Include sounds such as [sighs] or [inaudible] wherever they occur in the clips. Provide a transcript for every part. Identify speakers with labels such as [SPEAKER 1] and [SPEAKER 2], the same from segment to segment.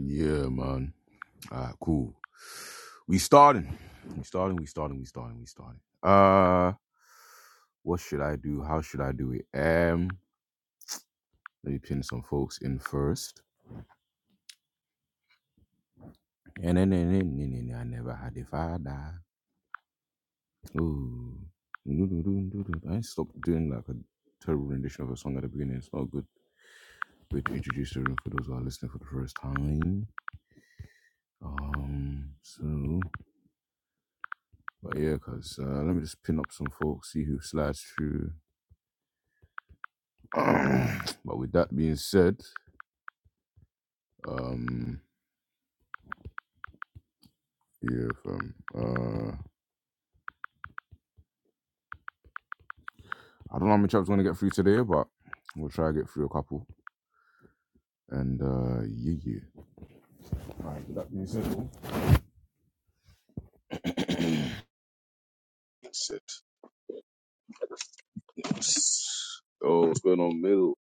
[SPEAKER 1] Yeah, man. All right, cool. We starting. We starting. We starting. We starting. We starting. Uh, what should I do? How should I do it? Um, let me pin some folks in first. And then, then, then, then, then, I never had a father. Ooh. I stopped doing like a terrible rendition of a song at the beginning. It's not a good way to introduce the room for those who are listening for the first time. Um, so, but yeah, cause uh, let me just pin up some folks, see who slides through. [clears throat] but with that being said, um, yeah, fam. Uh, I don't know how many chapters we're gonna get through today, but we'll try to get through a couple. And uh, yeah, yeah. Alright, with that being said, though. [clears throat] Shit. Oh, what's going on, middle?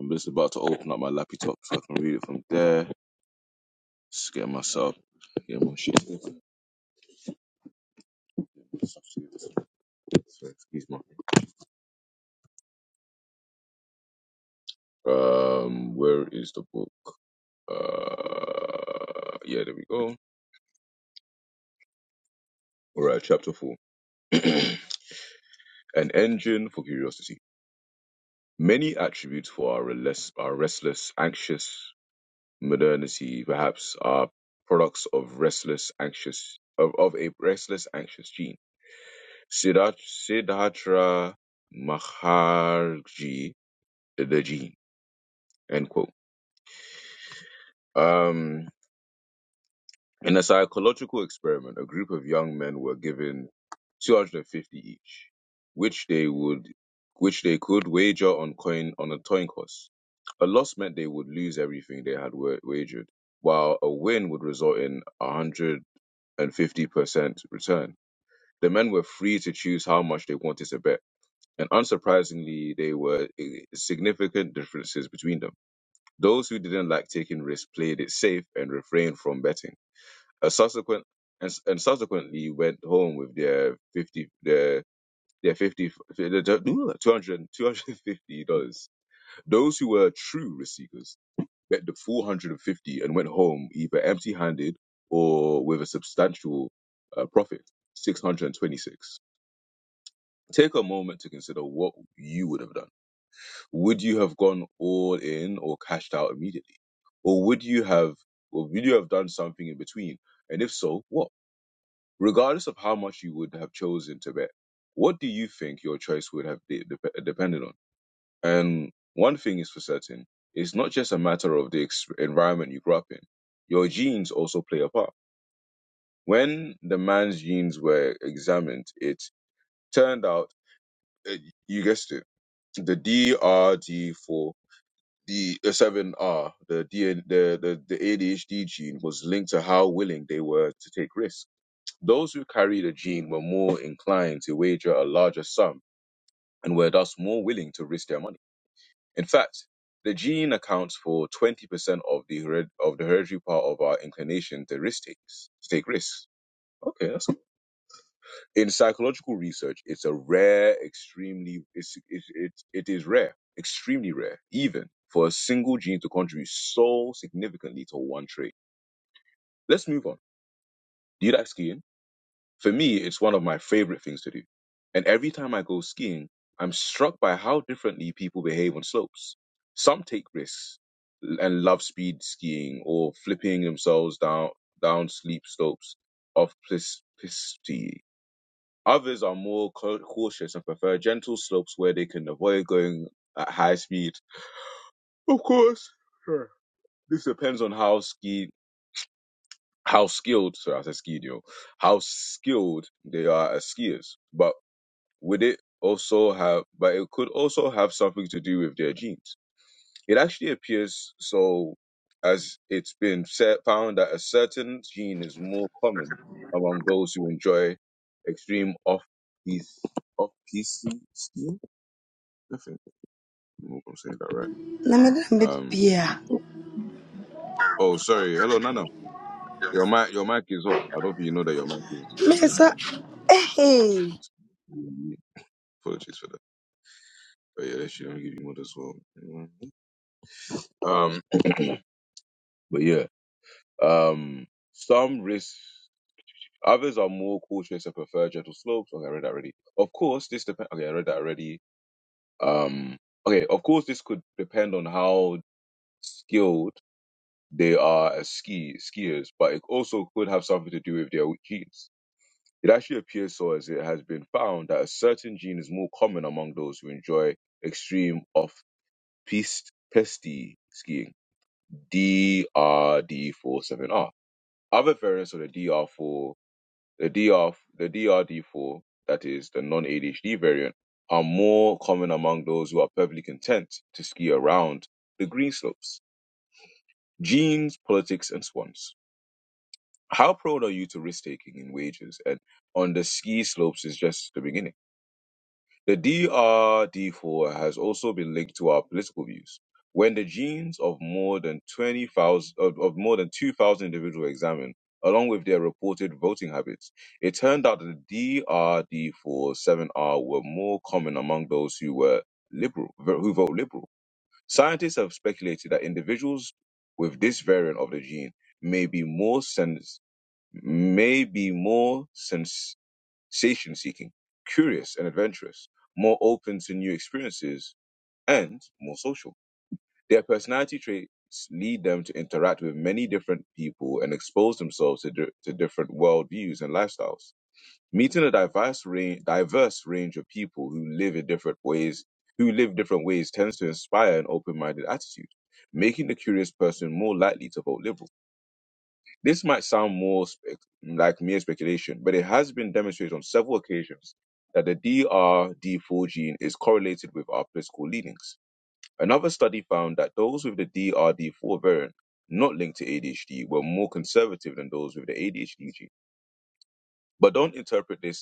[SPEAKER 1] I'm just about to open up my laptop so I can read it from there. Just get myself, get my shit. Excuse me. Um, where is the book? Uh, yeah, there we go. All right, chapter four. [clears throat] An engine for curiosity. Many attributes for our restless, our restless, anxious modernity, perhaps, are products of restless, anxious, of, of a restless, anxious gene. Siddharth- Siddhartha Maharji, the gene. End quote. Um, In a psychological experiment, a group of young men were given 250 each, which they would which they could wager on coin on a coin toss. A loss meant they would lose everything they had wa- wagered, while a win would result in 150% return. The men were free to choose how much they wanted to bet, and unsurprisingly, there were eh, significant differences between them. Those who didn't like taking risks played it safe and refrained from betting a subsequent and, and subsequently went home with their fifty their their fifty their [laughs] two hundred two hundred and fifty dollars. Those who were true risk seekers bet the four hundred and fifty and went home either empty handed or with a substantial uh, profit. 626. Take a moment to consider what you would have done. Would you have gone all in or cashed out immediately? Or would you have or would you have done something in between? And if so, what? regardless of how much you would have chosen to bet, what do you think your choice would have de- dep- depended on? And one thing is for certain, it's not just a matter of the ex- environment you grew up in. Your genes also play a part. When the man's genes were examined, it turned out, uh, you guessed it, the DRD4, the 7R, the, DN, the, the, the ADHD gene was linked to how willing they were to take risks Those who carried a gene were more inclined to wager a larger sum and were thus more willing to risk their money. In fact, the gene accounts for 20% of the hered- of the hereditary part of our inclination to risk takes, to take risks. Okay, that's cool. In psychological research, it's a rare, extremely, it's, it, it, it is rare, extremely rare, even for a single gene to contribute so significantly to one trait. Let's move on. Do you like skiing? For me, it's one of my favorite things to do. And every time I go skiing, I'm struck by how differently people behave on slopes. Some take risks and love speed skiing or flipping themselves down down steep slopes of precipity. Others are more cau- cautious and prefer gentle slopes where they can avoid going at high speed. Of course, sure, this depends on how ski how skilled, sorry, I said skied, yo, how skilled they are as skiers. But would it also have but it could also have something to do with their genes it actually appears so as it's been set, found that a certain gene is more common among those who enjoy extreme off piece off piece skiing i think i'm not gonna say that right
[SPEAKER 2] Nna madam bit
[SPEAKER 1] um
[SPEAKER 2] bia.
[SPEAKER 1] oh sorry hello nana your mic your mic is up i don't think you know that your mic is this thing.
[SPEAKER 2] Mesa eh eh.
[SPEAKER 1] apologies for that but yeah they shouldn't give you one as well um [clears throat] but yeah Um, some risk, others are more cautious and prefer gentle slopes. Okay, I read that already. Of course, this depend. Okay, I read that already. Um, okay, of course, this could depend on how skilled they are as ski skiers, but it also could have something to do with their genes. It actually appears so, as it has been found that a certain gene is more common among those who enjoy extreme off-piste pesty skiing (DRD47R). Other variants of the DR4 The DR, the DRD4, that is the non-ADHD variant, are more common among those who are perfectly content to ski around the green slopes. Genes, politics, and swans. How proud are you to risk taking in wages? And on the ski slopes is just the beginning. The DRD4 has also been linked to our political views. When the genes of more than 20,000 of, of more than 2,000 individuals were examined, along with their reported voting habits, it turned out that the drd 4 7 r were more common among those who were liberal, who vote liberal. Scientists have speculated that individuals with this variant of the gene may be more sens- may be more satian seeking, curious and adventurous, more open to new experiences, and more social. Their personality traits lead them to interact with many different people and expose themselves to, di- to different worldviews and lifestyles. Meeting a diverse range, diverse range of people who live in different ways, who live different ways, tends to inspire an open-minded attitude, making the curious person more likely to vote liberal. This might sound more spec- like mere speculation, but it has been demonstrated on several occasions that the DRD4 gene is correlated with our political leanings. Another study found that those with the DRD4 variant not linked to ADHD were more conservative than those with the ADHD gene. But don't interpret this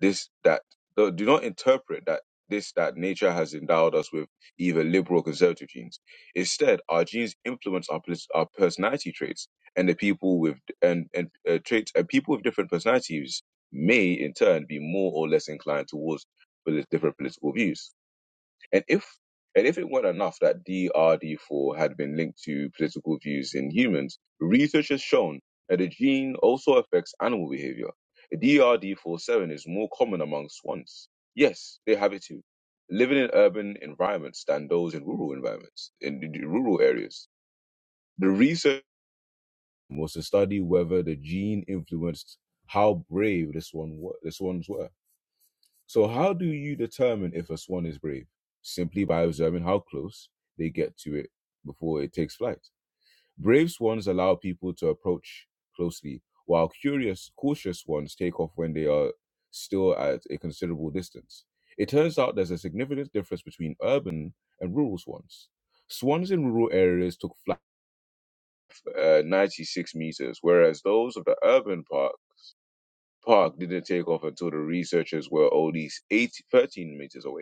[SPEAKER 1] this that do do not interpret that this that nature has endowed us with either liberal or conservative genes. Instead, our genes influence our pers- our personality traits, and the people with and and uh, traits and people with different personalities may in turn be more or less inclined towards poli- different political views and if and if it weren't enough that DRD4 had been linked to political views in humans, research has shown that the gene also affects animal behavior. DRD47 is more common among swans. Yes, they have it too, living in urban environments than those in rural environments, in the rural areas. The research was to study whether the gene influenced how brave the swan wa- the swans were. So, how do you determine if a swan is brave? Simply by observing how close they get to it before it takes flight. Brave swans allow people to approach closely, while curious, cautious swans take off when they are still at a considerable distance. It turns out there's a significant difference between urban and rural swans. Swans in rural areas took flight uh, 96 meters, whereas those of the urban park park didn't take off until the researchers were only 80, 13 meters away.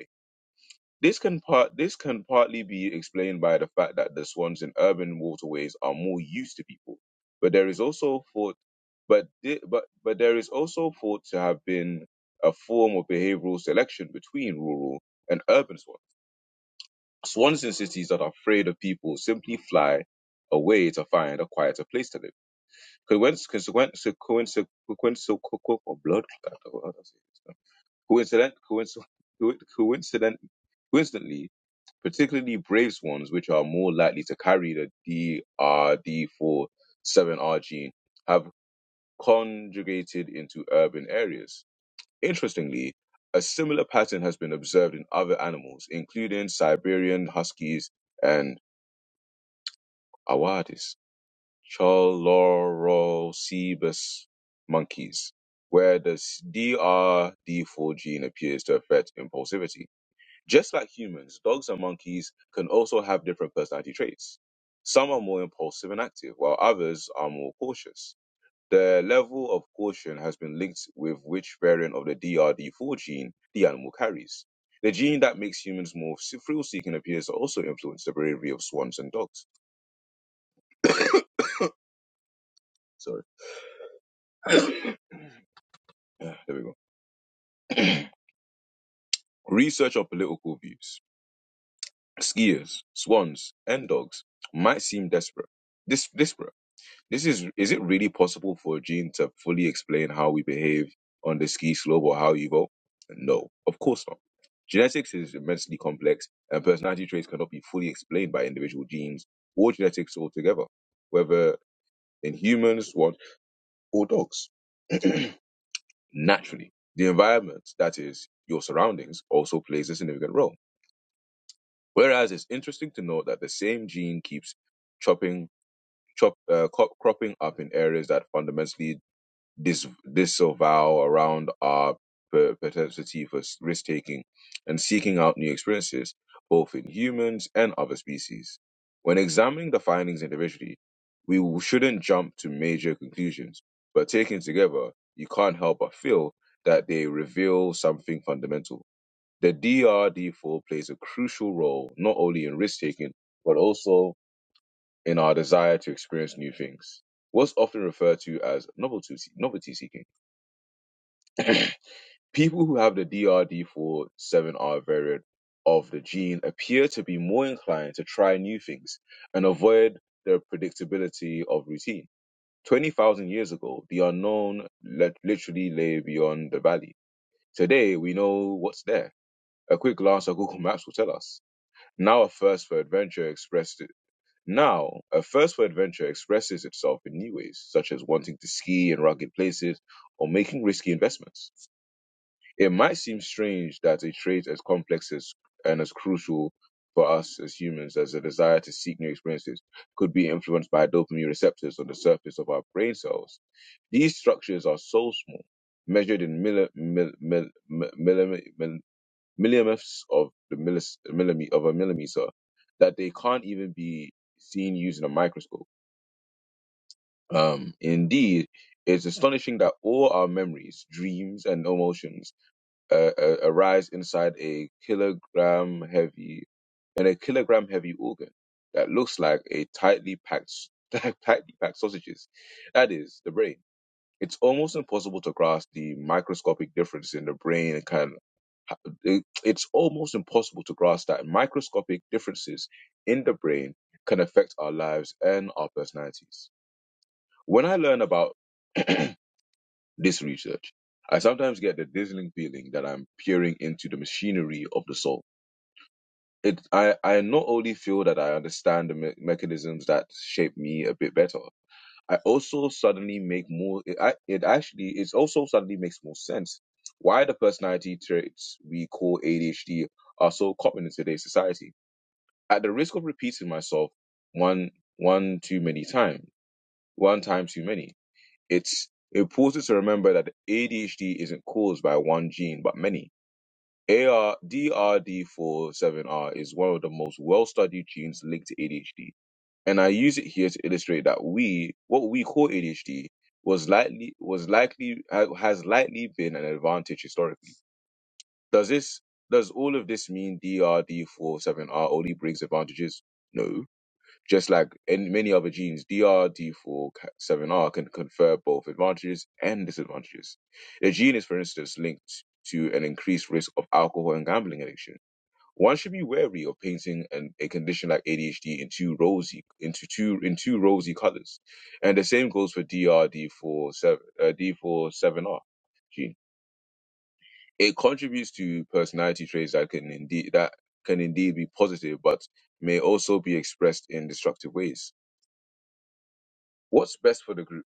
[SPEAKER 1] This can part this can partly be explained by the fact that the swans in urban waterways are more used to people, but there is also thought, but thi- but but there is also thought to have been a form of behavioral selection between rural and urban swans. Swans in cities that are afraid of people simply fly away to find a quieter place to live. Coinc- consequent- so coinc- so, coinc- co- co- blood- coincident- coinc- so, coinc- coincident, Coincidentally, particularly Braves ones, which are more likely to carry the drd 4 7 r gene, have conjugated into urban areas. Interestingly, a similar pattern has been observed in other animals, including Siberian huskies and awadis, Chalorocebus monkeys, where the DRD4 gene appears to affect impulsivity. Just like humans, dogs and monkeys can also have different personality traits. Some are more impulsive and active, while others are more cautious. The level of caution has been linked with which variant of the DRD4 gene the animal carries. The gene that makes humans more thrill seeking appears to also influence the bravery of swans and dogs. [coughs] Sorry. [coughs] Yeah, there we go. [coughs] Research on political views. Skiers, swans, and dogs might seem desperate, dis- disparate This is is it really possible for a gene to fully explain how we behave on the ski slope or how you vote? No, of course not. Genetics is immensely complex, and personality traits cannot be fully explained by individual genes or genetics altogether, whether in humans or, or dogs. [clears throat] Naturally, the environment, that is, your surroundings, also plays a significant role. Whereas it's interesting to note that the same gene keeps chopping, chop, uh, cro- cropping up in areas that fundamentally dis- disavow around our per- propensity for risk taking and seeking out new experiences, both in humans and other species. When examining the findings individually, we w- shouldn't jump to major conclusions, but taken together, you can't help but feel that they reveal something fundamental. The DRD4 plays a crucial role not only in risk taking, but also in our desire to experience new things. What's often referred to as novelty, novelty seeking People who have the drd 4 7 r variant of the gene appear to be more inclined to try new things and avoid the predictability of routine. 20,000 years ago, the unknown le- literally lay beyond the valley. Today, we know what's there. A quick glance at Google Maps will tell us. Now, a thirst for adventure expressed it. Now, a thirst for adventure expresses itself in new ways, such as wanting to ski in rugged places or making risky investments. It might seem strange that a trait as complex as and as crucial for us as humans as a desire to seek new experiences could be influenced by dopamine receptors on the surface of our brain cells. These structures are so small, measured in milli, mill, mill, mill, millime- mill- millionths of the millis, millime, of a millimeter, that they can't even be seen using a microscope. Um, indeed, it's astonishing that all our memories, dreams, and emotions uh, uh, arise inside a kilogram heavy and a kilogram heavy organ that looks like a tightly packed s- [laughs] like tightly packed sausages. That is the brain. It's almost impossible to grasp the microscopic difference in the brain and kind of, it- it's almost impossible to grasp that microscopic differences in the brain can affect our lives and our personalities. When I learn about [clears throat] this research, I sometimes get the dizzying feeling that I'm peering into the machinery of the soul. It, I, I not only feel that I understand the me- mechanisms that shape me a bit better, I also suddenly make more. It, I, it actually, it also suddenly makes more sense why the personality traits we call ADHD are so common in today's society. At the risk of repeating myself one, one too many times, one time too many, it's important to remember that ADHD isn't caused by one gene, but many. AR 47 r is one of the most well-studied genes linked to ADHD, and I use it here to illustrate that we, what we call ADHD, was likely was likely ha- has likely been an advantage historically. Does this does all of this mean DRD47R only brings advantages? No just like in many other genes, drd D4, 7R can confer both advantages and disadvantages. The gene is, for instance, linked to an increased risk of alcohol and gambling addiction. One should be wary of painting an, a condition like ADHD in two rosy into two in two rosy colors, and the same goes for drd D4, 7, uh, D4, 7R gene. It contributes to personality traits that can indeed that can indeed be positive, but may also be expressed in destructive ways What's best for the group?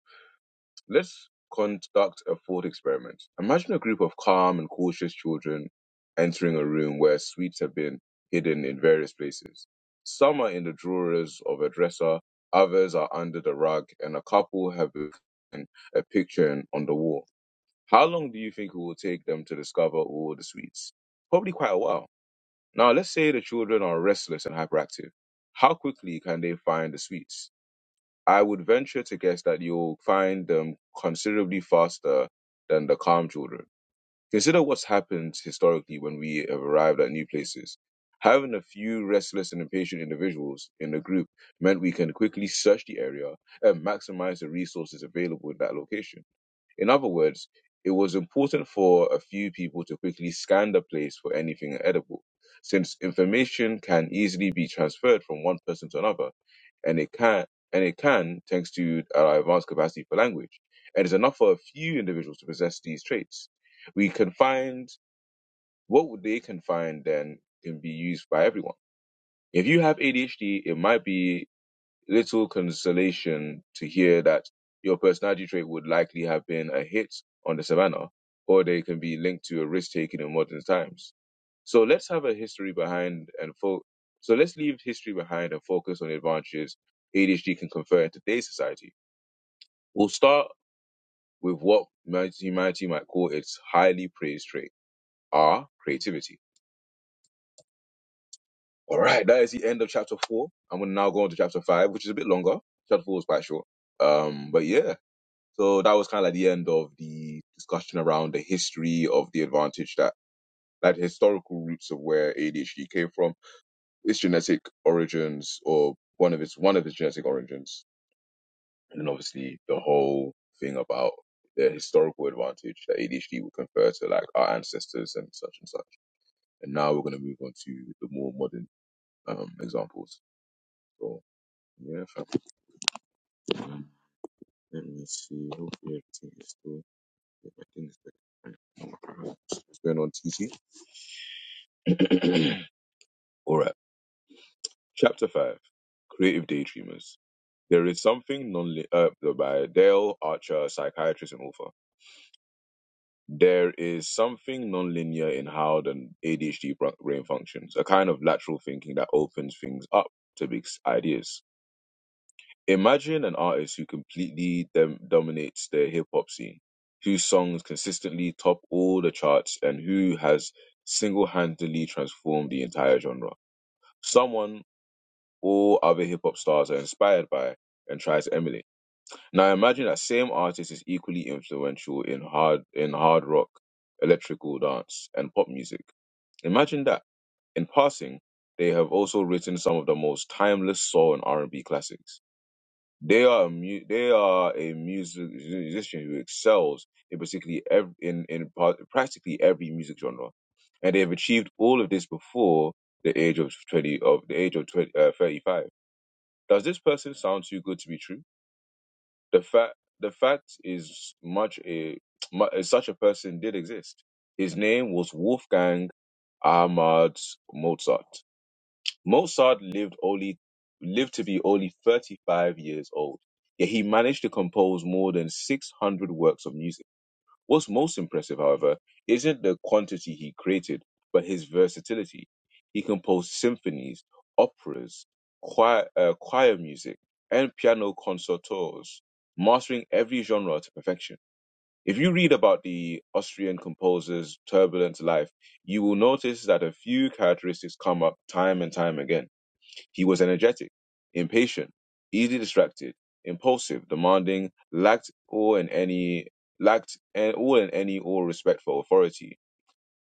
[SPEAKER 1] Let's conduct a thought experiment. Imagine a group of calm and cautious children entering a room where sweets have been hidden in various places. Some are in the drawers of a dresser, others are under the rug, and a couple have been a picture on the wall. How long do you think it will take them to discover all the sweets? Probably quite a while. Now, let's say the children are restless and hyperactive. How quickly can they find the sweets? I would venture to guess that you'll find them considerably faster than the calm children. Consider what's happened historically when we have arrived at new places. Having a few restless and impatient individuals in the group meant we can quickly search the area and maximize the resources available in that location. In other words, it was important for a few people to quickly scan the place for anything edible, since information can easily be transferred from one person to another, and it can and it can thanks to our advanced capacity for language. And it's enough for a few individuals to possess these traits. We can find what they can find then can be used by everyone. If you have ADHD, it might be little consolation to hear that your personality trait would likely have been a hit on the savannah, or they can be linked to a risk taking in modern times. So let's have a history behind and fo- so let's leave history behind and focus on the advantages ADHD can confer in today's society. We'll start with what humanity might call its highly praised trait, our creativity. All right, that is the end of chapter four. I'm going to now go on to chapter five, which is a bit longer. Chapter four was quite short. Um, but yeah, So that was kind of like the end of the discussion around the history of the advantage that that historical roots of where ADHD came from, its genetic origins, or one of its one of its genetic origins, and then obviously the whole thing about the historical advantage that ADHD would confer to like our ancestors and such and such. And now we're going to move on to the more modern um, examples. So yeah, Um, let me see. Hopefully everything is still. yeah, I think it's What's going on, TT? [clears throat] All right. Chapter 5 Creative Daydreamers. There is something non uh, by Dale Archer, psychiatrist and author. There is something non-linear in how the ADHD bra- brain functions, a kind of lateral thinking that opens things up to big s- ideas. Imagine an artist who completely dem- dominates the hip hop scene, whose songs consistently top all the charts, and who has single handedly transformed the entire genre. Someone all other hip hop stars are inspired by and try to emulate. Now imagine that same artist is equally influential in hard in hard rock, electrical dance, and pop music. Imagine that. In passing, they have also written some of the most timeless soul and R and B classics. They are a mu- they are a music musician who excels in particularly ev- in in par- practically every music genre, and they have achieved all of this before the age of twenty of the age of 20, uh, 35 does this person sound too good to be true? The fact the fact is much a mu- uh, such a person did exist. His name was Wolfgang Ahmad Mozart. Mozart lived only lived to be only 35 years old. Yet he managed to compose more than 600 works of music. What's most impressive, however, isn't the quantity he created, but his versatility. He composed symphonies, operas, choir, uh, choir music, and piano concertos, mastering every genre to perfection. If you read about the Austrian composer's turbulent life, you will notice that a few characteristics come up time and time again he was energetic, impatient, easily distracted, impulsive, demanding, lacked all and any lacked and all and any all respect for authority.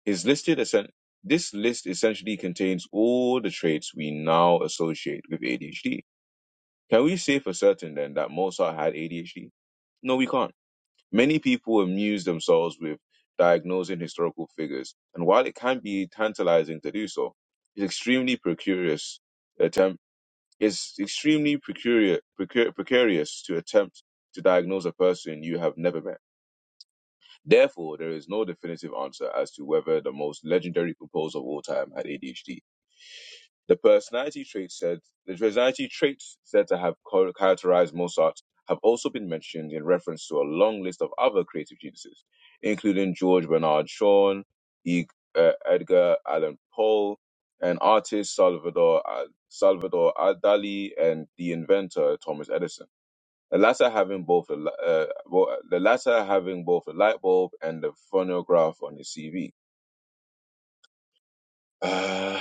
[SPEAKER 1] His listed essen- this list essentially contains all the traits we now associate with ADHD. Can we say for certain then that Mozart had ADHD? No, we can't. Many people amuse themselves with diagnosing historical figures, and while it can be tantalizing to do so, it's extremely precarious it's extremely precarious, precar- precarious to attempt to diagnose a person you have never met. Therefore, there is no definitive answer as to whether the most legendary composer of all time had ADHD. The personality traits said the personality traits said to have char- characterized Mozart have also been mentioned in reference to a long list of other creative geniuses, including George Bernard Shaw, e- uh, Edgar Allan Poe, and artist Salvador uh, Salvador Dali and the inventor Thomas Edison. The latter having both the, li- uh, well, the latter having both the light bulb and the phonograph on his CV. Uh,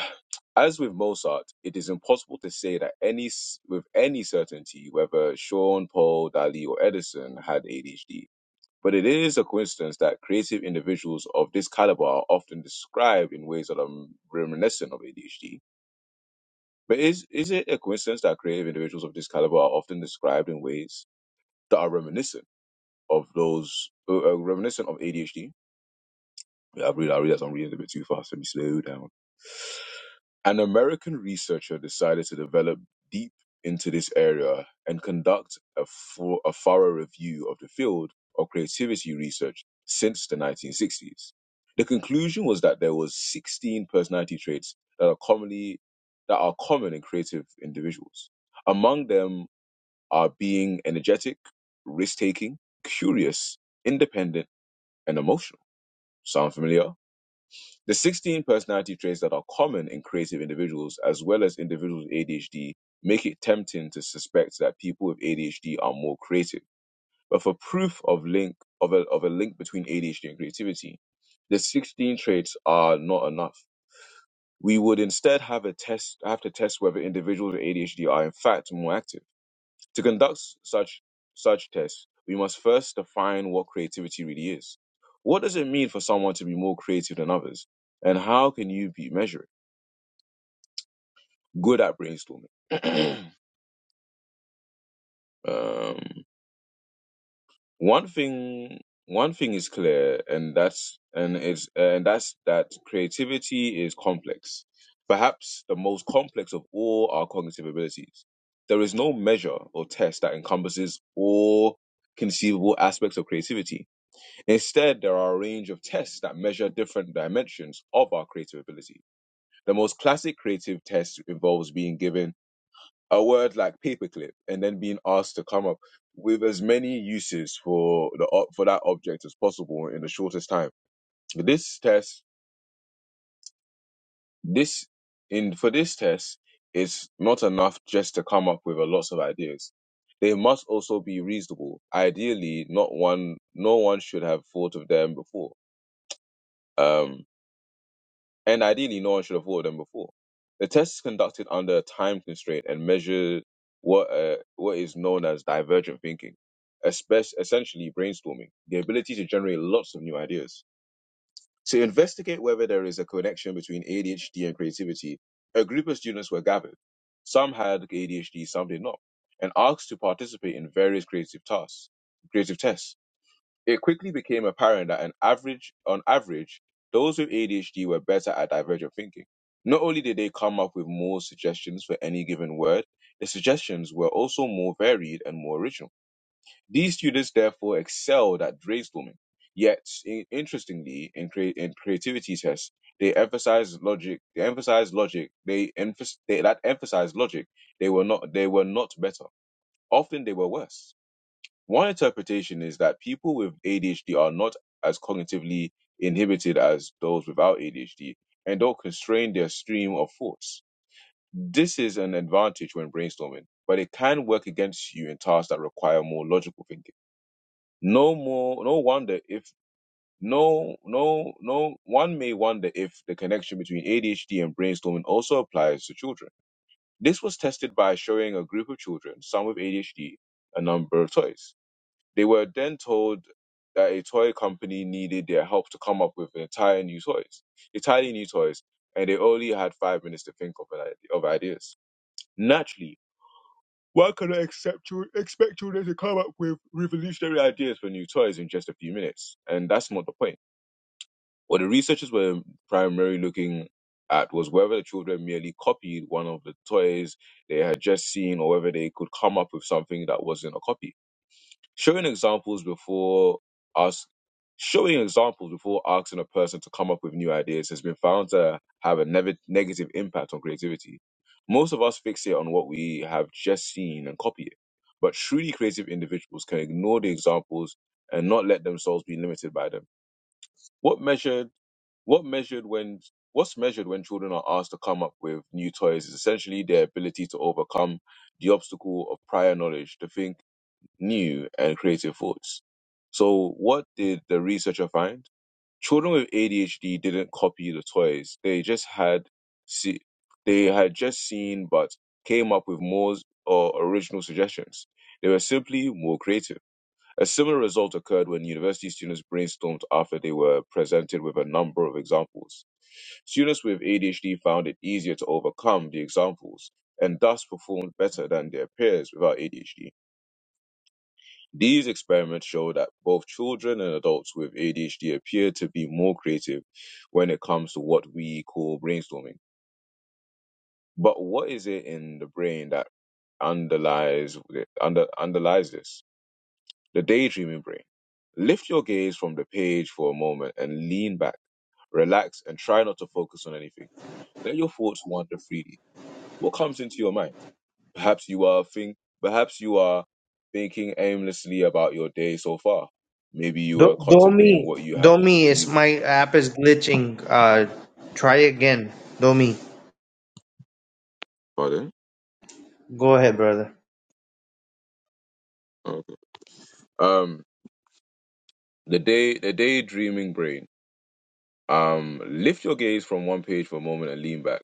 [SPEAKER 1] as with Mozart, it is impossible to say that any s- with any certainty whether Sean, Paul, Dali, or Edison had ADHD. But it is a coincidence that creative individuals of this caliber are often described in ways that are m- reminiscent of ADHD. But is is it a coincidence that creative individuals of this caliber are often described in ways that are reminiscent of those uh, uh, reminiscent of ADHD? Yeah, I read I read that I'm reading a bit too fast. Let me slow down. An American researcher decided to delve deep into this area and conduct a, full, a thorough review of the field of creativity research since the 1960s. The conclusion was that there was 16 personality traits that are commonly that are common in creative individuals. Among them are being energetic, risk-taking, curious, independent, and emotional. Sound familiar? The 16 personality traits that are common in creative individuals, as well as individuals with ADHD, make it tempting to suspect that people with ADHD are more creative. But for proof of link of a, of a link between ADHD and creativity, the 16 traits are not enough. We would instead have a test have to test whether individuals with ADHD are in fact more active. To conduct such such tests, we must first define what creativity really is. What does it mean for someone to be more creative than others, and how can you be measure it? Good at brainstorming. [clears throat] um, one thing one thing is clear, and that's and it's and that's that creativity is complex, perhaps the most complex of all our cognitive abilities. There is no measure or test that encompasses all conceivable aspects of creativity Instead, there are a range of tests that measure different dimensions of our creative ability. The most classic creative test involves being given a word like paperclip and then being asked to come up with as many uses for the for that object as possible in the shortest time. This test, this in for this test, it's not enough just to come up with a lots of ideas. They must also be reasonable. Ideally, not one, no one should have thought of them before. Um, and ideally no one should have ordered them before. The test is conducted under a time constraint and measures what uh, what is known as divergent thinking, espe essentially brainstorming, the ability to generate lots of new ideas. To investigate whether there is a connection between ADHD and creativity, a group of students were gathered. Some had ADHD, some did not, and asked to participate in various creative tasks, creative tests. It quickly became apparent that an average, on average, those with ADHD were better at divergent thinking. Not only did they come up with more suggestions for any given word, the suggestions were also more varied and more original. These students therefore excelled at brainstorming. Yet, i- interestingly, in, crea- in creativity tests, they emphasized logic. They emphasized logic. They, emphas they that emphasized logic. They were not. They were not better. Often, they were worse. One interpretation is that people with ADHD are not as cognitively inhibited as those without ADHD and don't constrain their stream of thoughts. This is an advantage when brainstorming, but it can work against you in tasks that require more logical thinking. No more no wonder if no no no one may wonder if the connection between ADHD and brainstorming also applies to children. This was tested by showing a group of children, some with ADHD, a number of toys. They were then told that a toy company needed their help to come up with entirely new toys, entirely new toys, and they only had five minutes to think of an idea, of ideas. Naturally, one cannot accept chil- expect children to come up with revolutionary ideas for new toys in just a few minutes, and that's not the point. What the researchers were primarily looking at was whether the children merely copied one of the toys they had just seen, or whether they could come up with something that wasn't a copy. Showing examples before us showing examples before asking a person to come up with new ideas has been found to have a neg- negative impact on creativity. Most of us fixate on what we have just seen and copy it. But truly creative individuals can ignore the examples and not let themselves be limited by them. What measured what measured when what's measured when children are asked to come up with new toys is essentially their ability to overcome the obstacle of prior knowledge to think new and creative thoughts. So, what did the researcher find? Children with ADHD didn't copy the toys; they just had see, they had just seen, but came up with more or original suggestions. They were simply more creative. A similar result occurred when university students brainstormed after they were presented with a number of examples. Students with ADHD found it easier to overcome the examples and thus performed better than their peers without ADHD. These experiments show that both children and adults with ADHD appear to be more creative when it comes to what we call brainstorming. But what is it in the brain that underlies under, underlies this? The daydreaming brain. Lift your gaze from the page for a moment and lean back, relax, and try not to focus on anything. Let your thoughts wander freely. What comes into your mind? Perhaps you are think perhaps you are thinking aimlessly about your day so far. Maybe you are
[SPEAKER 3] Do-
[SPEAKER 1] contemplating
[SPEAKER 3] Domi,
[SPEAKER 1] what you have
[SPEAKER 3] Domi is
[SPEAKER 1] you
[SPEAKER 3] my app is glitching. Uh, try again. Domi,
[SPEAKER 1] pardon?
[SPEAKER 3] go ahead, brother.
[SPEAKER 1] Okay. Um the day the daydreaming brain Um, lift your gaze from one page for a moment and lean back.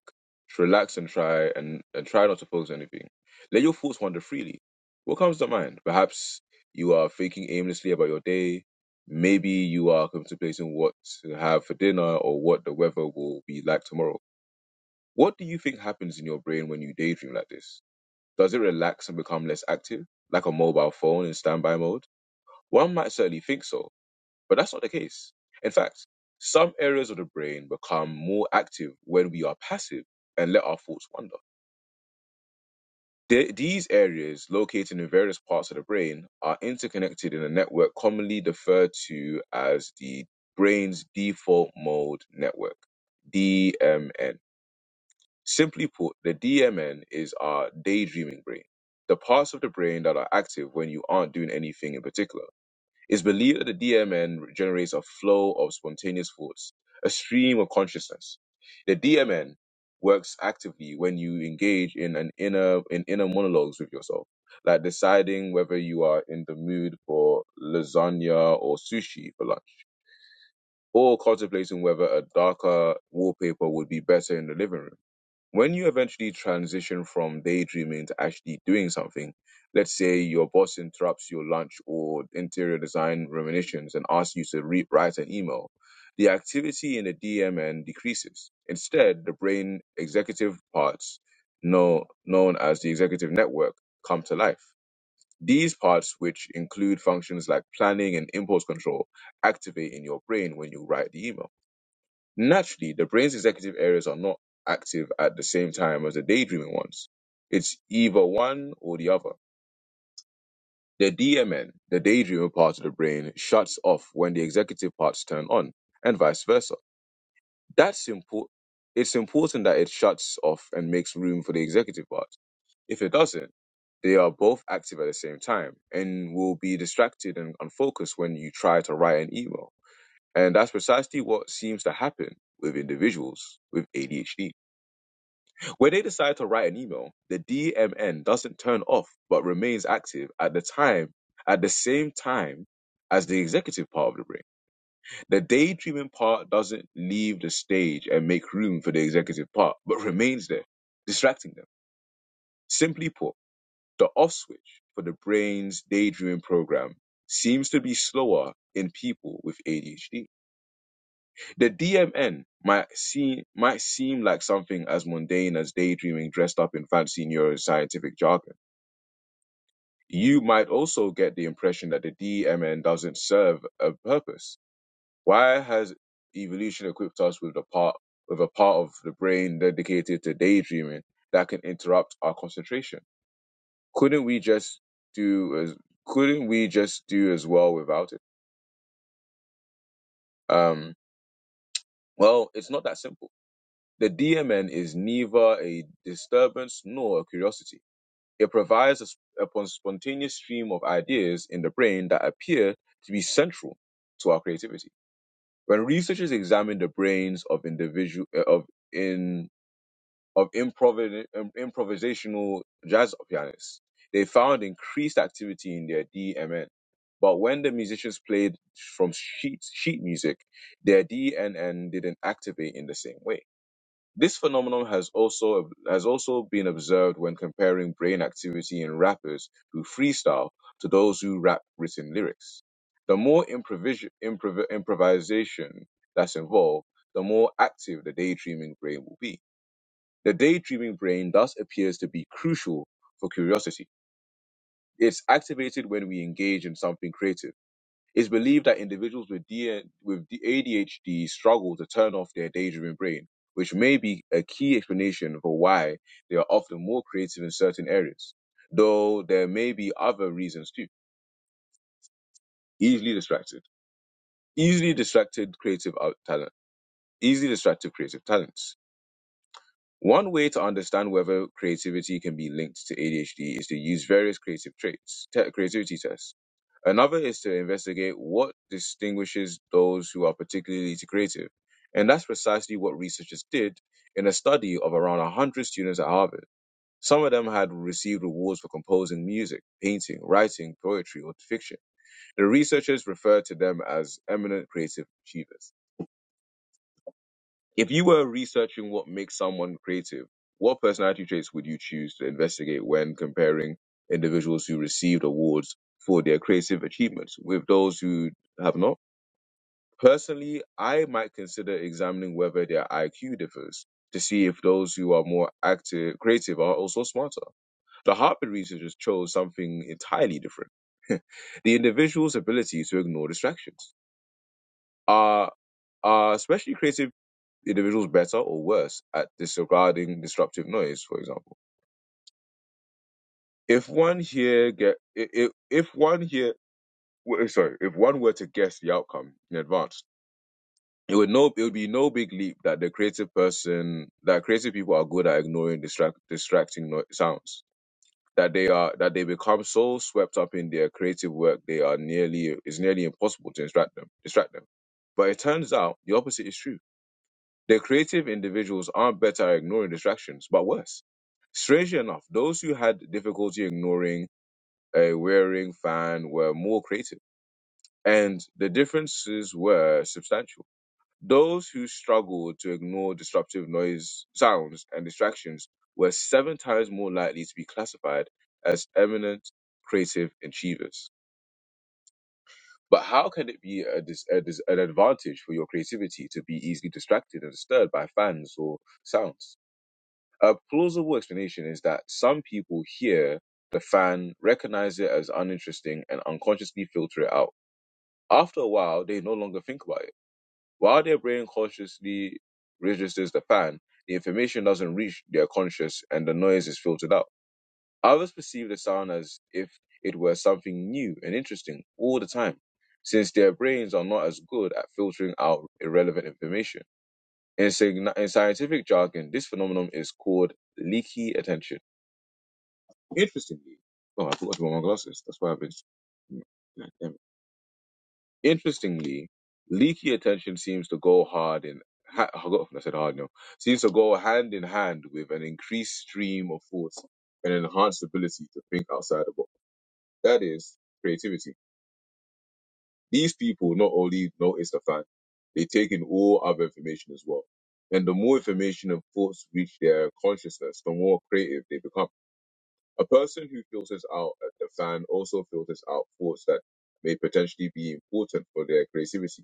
[SPEAKER 1] relax and try and, and try not to focus on anything. Let your thoughts wander freely. What comes to mind? Perhaps you are thinking aimlessly about your day. Maybe you are contemplating what to have for dinner or what the weather will be like tomorrow. What do you think happens in your brain when you daydream like this? Does it relax and become less active, like a mobile phone in standby mode? One might certainly think so but that's not the case. In fact, some areas of the brain become more active when we are passive and let our thoughts wander. The- these areas, located in various parts of the brain, are interconnected in a network commonly referred to as the brain's default mode network, DMN. Simply put, the DMN is our daydreaming brain, the parts of the brain that are active when you aren't doing anything in particular. It's believed that the DMN generates a flow of spontaneous thoughts, a stream of consciousness. The DMN works actively when you engage in an inner in inner monologues with yourself, like deciding whether you are in the mood for lasagna or sushi for lunch, or contemplating whether a darker wallpaper would be better in the living room. When you eventually transition from daydreaming to actually doing something, let's say your boss interrupts your lunch or interior design reminiscence and asks you to re- write an email, the activity in the DMN decreases. Instead, the brain executive parts, know, known as the executive network, come to life. These parts, which include functions like planning and impulse control, activate in your brain when you write the email. Naturally, the brain's executive areas are not active at the same time as the daydreaming ones. It's either one or the other. The DMN, the daydreamer part of the brain, shuts off when the executive parts turn on, and vice versa. That's important. It's important that it shuts off and makes room for the executive part. If it doesn't, they are both active at the same time and will be distracted and unfocused when you try to write an email. And that's precisely what seems to happen with individuals with ADHD. When they decide to write an email, the DMN doesn't turn off but remains active at the time at the same time as the executive part of the brain. The daydreaming part doesn't leave the stage and make room for the executive part, but remains there, distracting them. Simply put, the off switch for the brain's daydreaming program seems to be slower in people with ADHD. The DMN might seem might seem like something as mundane as daydreaming dressed up in fancy neuroscientific jargon. You might also get the impression that the DMN doesn't serve a purpose. Why has evolution equipped us with a part with a part of the brain dedicated to daydreaming that can interrupt our concentration? Couldn't we just do as couldn't we just do as well without it? Um, well, it's not that simple The DMN is neither a disturbance nor a curiosity. It provides a, s- a pon- spontaneous stream of ideas in the brain that appear to be central to our creativity. When researchers examine the brains of individual uh, of in of improv- um, improvisational jazz pianists, they found increased activity in their DMN. But when the musicians played from sheet sheet music, their DNN didn't activate in the same way this phenomenon has also has also been observed when comparing brain activity in rappers who freestyle to those who rap written lyrics. The more improvis- improv- improvisation that's involved, the more active the daydreaming brain will be. The daydreaming brain thus appears to be crucial for curiosity. It's activated when we engage in something creative it's believed that individuals with, D- with the A D- ADHD struggle to turn off their daydreaming brain, which may be a key explanation for why they are often more creative in certain areas, though there may be other reasons too. Easily distracted. Easily distracted creative out- talent. Easily distracted creative talents One way to understand whether creativity can be linked to ADHD is to use various creative traits, te- creativity tests. Another is to investigate what distinguishes those who are particularly creative. And that's precisely what researchers did in a study of around 100 students at Harvard. Some of them had received awards for composing music, painting, writing, poetry, or fiction. The researchers referred to them as eminent creative achievers. If you were researching what makes someone creative, what personality traits would you choose to investigate when comparing individuals who received awards for their creative achievements with those who have not? Personally, I might consider examining whether their IQ differs to see if those who are more active, creative are also smarter. The Harvard researchers chose something entirely different. [laughs] the individual's ability to ignore distractions. Are are especially creative individuals better or worse at disregarding disruptive noise, for example. If one here get if if one here w- sorry, if one were to guess the outcome in advance, it would no it would be no big leap that the creative person that creative people are good at ignoring distract distracting no- sounds. That they are that they become so swept up in their creative work they are nearly it's nearly impossible to distract them distract them. But it turns out the opposite is true The creative individuals aren't better at ignoring distractions, but worse. Strangely enough, those who had difficulty ignoring a wearing fan were more creative, and the differences were substantial. Those who struggled to ignore disruptive noise, sounds, and distractions were seven times more likely to be classified as eminent creative achievers. But how can it be a dis- a dis- an advantage for your creativity to be easily distracted and disturbed by fans or sounds? A plausible explanation is that some people hear the fan, recognize it as uninteresting, and unconsciously filter it out. After a while, they no longer think about it. While their brain consciously registers the fan, the information doesn't reach their conscious and the noise is filtered out. Others perceive the sound as if it were something new and interesting all the time, since their brains are not as good at filtering out irrelevant information. In, sign- in scientific jargon, this phenomenon is called leaky attention. Interestingly, oh, I forgot to wear my glasses. That's why I've been. God damn it. Interestingly, leaky attention seems to go hard in. Ha- I forgot if I said hard. No, seems to go hand in hand with an increased stream of thoughts and an enhanced ability to think outside the box. That is creativity. These people not only notice the fact they take in all other information as well. And the more information and thoughts reach their consciousness, the more creative they become A person who filters out the fan also filters out thoughts that may potentially be important for their creativity.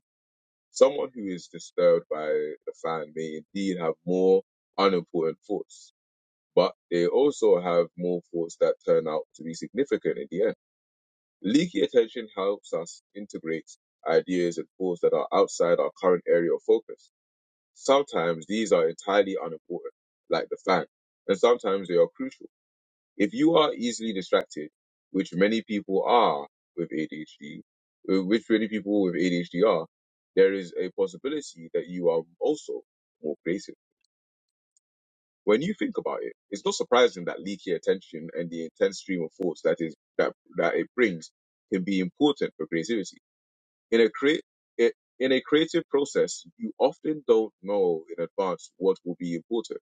[SPEAKER 1] Someone who is disturbed by the fan may indeed have more unimportant thoughts, but they also have more thoughts that turn out to be significant in the end. Leaky attention helps us integrate ideas and thoughts that are outside our current area of focus. Sometimes these are entirely unimportant, like the fan, and sometimes they are crucial if you are easily distracted, which many people are with ADHD, uh, which many people with ADHD are, there is a possibility that you are also more creative. When you think about it, it's not surprising that leaky attention and the intense stream of thoughts that is that that it brings can be important for creativity. In a create in a creative process, you often don't know in advance what will be important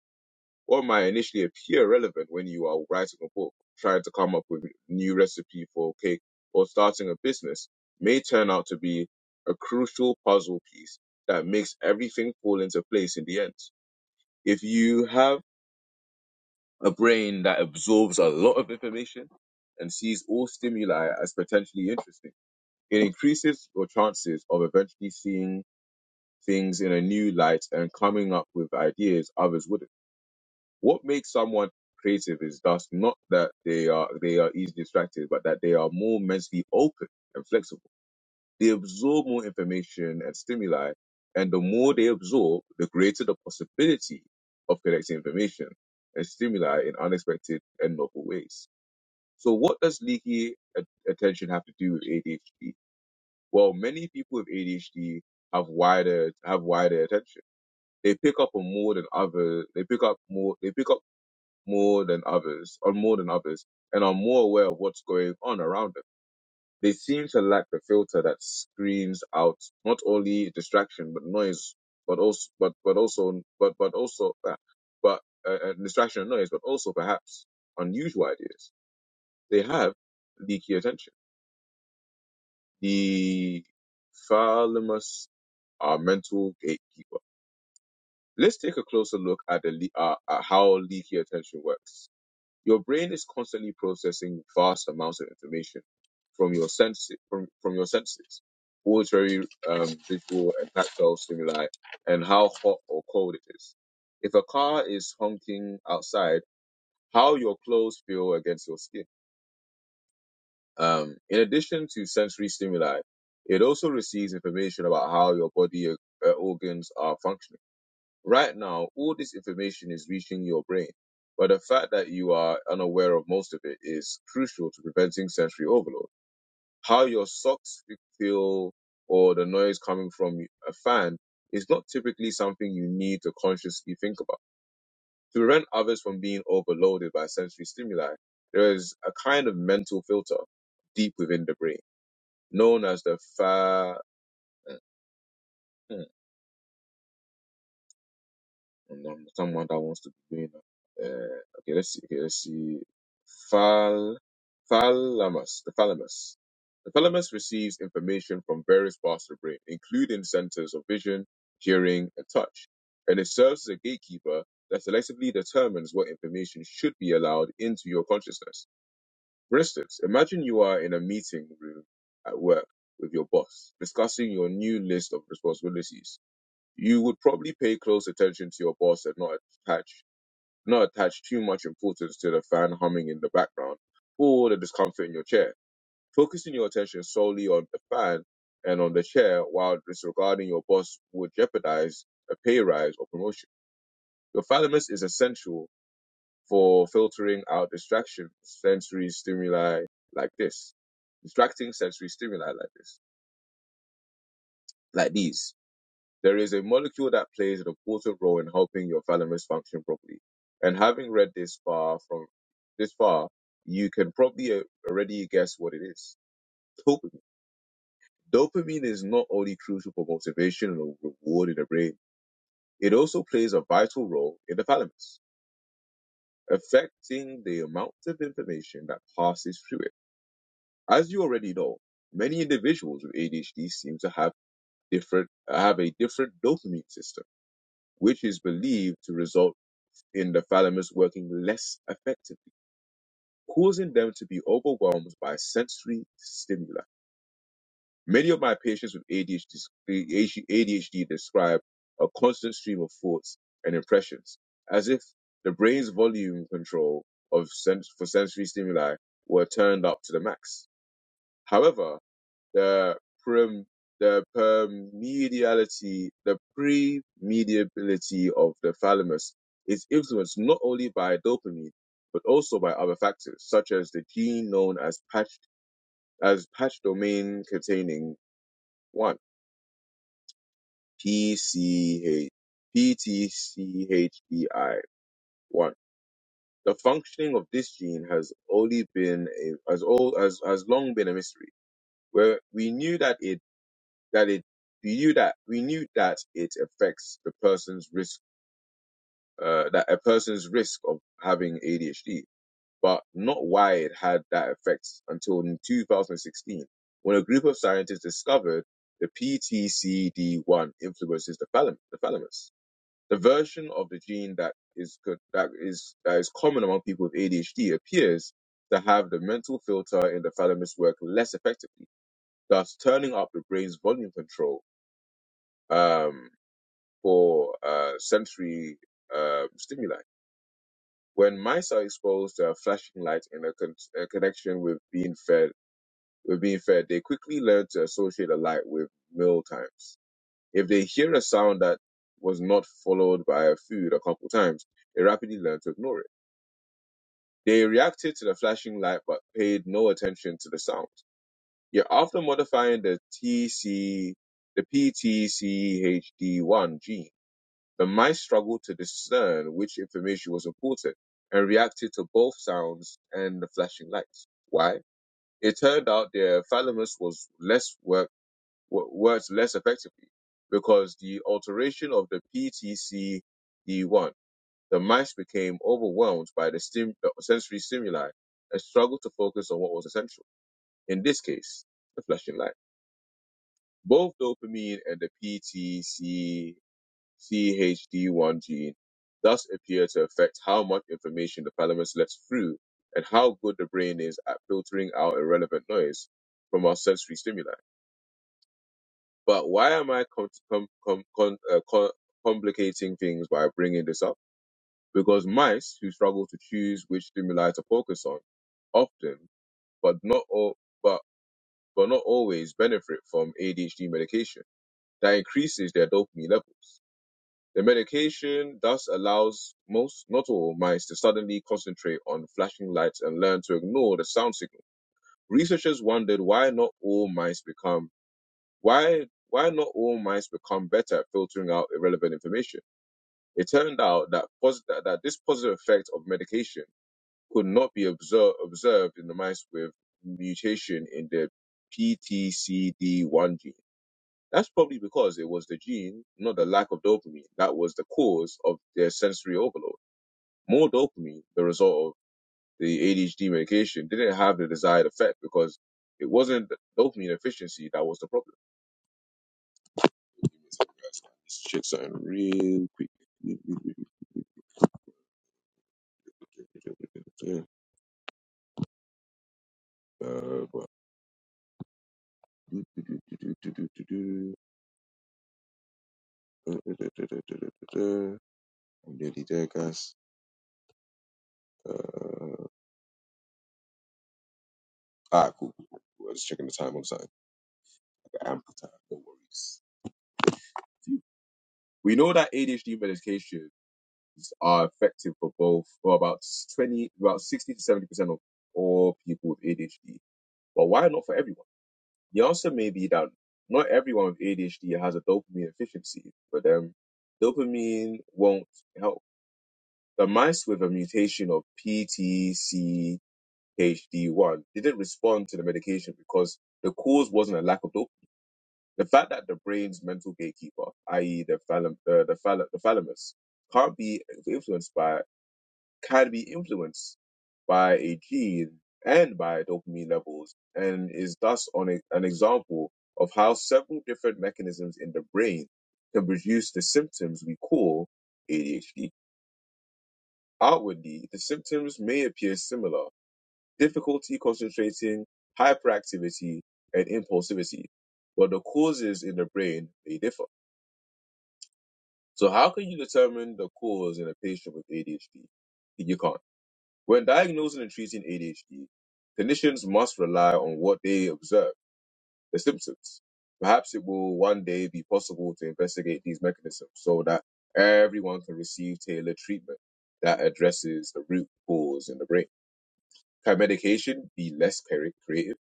[SPEAKER 1] what might initially appear relevant when you are writing a book, trying to come up with new recipe for cake, or starting a business may turn out to be a crucial puzzle piece that makes everything fall into place in the end. If you have a brain that absorbs a lot of information and sees all stimuli as potentially interesting, it increases your chances of eventually seeing things in a new light and coming up with ideas others wouldn't. What makes someone creative is thus not that they are they are easily distracted, but that they are more mentally open and flexible. They absorb more information and stimuli, and the more they absorb, the greater the possibility of collecting information and stimuli in unexpected and novel ways. So, what does leaky a- attention have to do with ADHD? Well, many people with ADHD have wider have wider attention. They pick up on more than other. They pick up more. They pick up more than others, or more than others, and are more aware of what's going on around them. They seem to lack the filter that screens out not only distraction but noise, but also, but but also, but but also, uh, but uh, uh, distraction and noise, but also perhaps unusual ideas. They have leaky attention. The thalamus, our mental gatekeeper. Let's take a closer look at the le- uh, at how leaky attention works Your brain is constantly processing vast amounts of information from your senses, from, from your senses, auditory, um, visual, and tactile stimuli, and how hot or cold it is. If a car is honking outside, how your clothes feel against your skin. Um, in addition to sensory stimuli, it also receives information about how your body uh, organs are functioning Right now, all this information is reaching your brain, but the fact that you are unaware of most of it is crucial to preventing sensory overload. How your socks feel or the noise coming from a fan is not typically something you need to consciously think about. To prevent others from being overloaded by sensory stimuli, there is a kind of mental filter deep within the brain known as the fa. and um, someone that wants to be doing that. Uh, okay, let's see. Okay, let's see. Phal, thalamus. The thalamus. The thalamus receives information from various parts of the brain, including centers of vision, hearing, and touch, and it serves as a gatekeeper that selectively determines what information should be allowed into your consciousness. For instance, imagine you are in a meeting room at work with your boss, discussing your new list of responsibilities you would probably pay close attention to your boss and not attach not attach too much importance to the fan humming in the background or the discomfort in your chair, focusing your attention solely on the fan and on the chair while disregarding your boss would jeopardize a pay rise or promotion. Your thalamus is essential for filtering out distraction sensory stimuli like this. Distracting sensory stimuli like this, like these. There is a molecule that plays an important role in helping your thalamus function properly. And having read this far from this far, you can probably uh, already guess what it is. Dopamine. Dopamine is not only crucial for motivation and reward in the brain, it also plays a vital role in the thalamus, affecting the amount of information that passes through it. As you already know, many individuals with ADHD seem to have different have a different dopamine system, which is believed to result in the thalamus working less effectively, causing them to be overwhelmed by sensory stimuli. Many of my patients with ADHD, describe a constant stream of thoughts and impressions, as if the brain's volume control of sens- for sensory stimuli were turned up to the max. However, the prim the permediality, the premediability of the thalamus is influenced not only by dopamine, but also by other factors, such as the gene known as patch as patch domain containing one PCH PTCHDI one. The functioning of this gene has only been a, has all has, has long been a mystery. Where we knew that it that it we knew that we knew that it affects the person's risk uh, that a person's risk of having ADHD, but not why it had that effect until in 2016 when a group of scientists discovered the PTCD1 influences the thalamus. The, thalamus. the version of the gene that is that is that is common among people with ADHD appears to have the mental filter in the thalamus work less effectively, thus turning up the brain's volume control. Um, for uh, sensory uh, stimuli. When mice are exposed to a flashing light in a, con- a connection with being fed, with being fed, they quickly learn to associate a light with meal times. If they hear a sound that was not followed by a food a couple times, they rapidly learn to ignore it. They reacted to the flashing light but paid no attention to the sound. Yet after modifying the TC, the PTCHD1 gene, The mice struggled to discern which information was important and reacted to both sounds and the flashing lights. Why? It turned out their thalamus was less work, wo- worked less effectively because the alteration of the PTCD1, the mice became overwhelmed by the, stim, the sensory stimuli and struggled to focus on what was essential. In this case, the flashing light. Both dopamine and the CHD1 gene thus appear to affect how much information the thalamus lets through and how good the brain is at filtering out irrelevant noise from our sensory stimuli. But why am I com- com- com- con- uh, co- complicating things by bringing this up? Because mice who struggle to choose which stimuli to focus on often, but not all, but but not always benefit from ADHD medication that increases their dopamine levels. The medication thus allows most, not all, mice to suddenly concentrate on flashing lights and learn to ignore the sound signal. Researchers wondered why not all mice become why why not all mice become better at filtering out irrelevant information. It turned out that pos- that, that this positive effect of medication could not be observed observed in the mice with mutation in the PTCD1 gene. That's probably because it was the gene, not the lack of dopamine, that was the cause of their sensory overload. More dopamine, the result of the ADHD medication, didn't have the desired effect because it wasn't the dopamine efficiency that was the problem. Uh, do, do, do, do, uh, da, da, da, and then he just, uh, ah, cool, cool, cool. I just want something to amp up the worries. We know that ADHD medications are effective for both, for about 20, about 60 to 70% of all people with ADHD But why not for everyone? The answer may be that not everyone with ADHD has a dopamine efficiency. For them, dopamine won't help. The mice with a mutation of PTCHD1 didn't respond to the medication because the cause wasn't a lack of dopamine. The fact that the brain's mental gatekeeper, i.e., the, phalam- uh, the, phal- the thalamus, can't be influenced by can be influenced by a gene and by dopamine levels, and is thus on a, an example of how several different mechanisms in the brain can produce the symptoms we call ADHD. Outwardly, the symptoms may appear similar difficulty concentrating, hyperactivity, and impulsivity, but the causes in the brain may differ. So, how can you determine the cause in a patient with ADHD? You can't. When diagnosing and treating ADHD, clinicians must rely on what they observe, the symptoms. Perhaps it will one day be possible to investigate these mechanisms so that everyone can receive tailored treatment that addresses the root cause in the brain. Can medication be less cre- creative?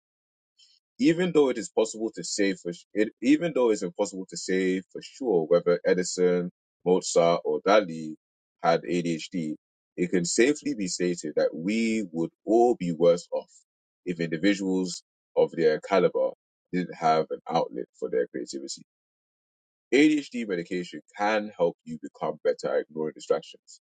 [SPEAKER 1] even though it is possible to say for s- it, even though it's impossible to say for sure whether Edison, Mozart, or Dali had ADHD, it can safely be stated that we would all be worse off if individuals of their caliber didn't have an outlet for their creativity. ADHD medication can help you become better at ignoring distractions.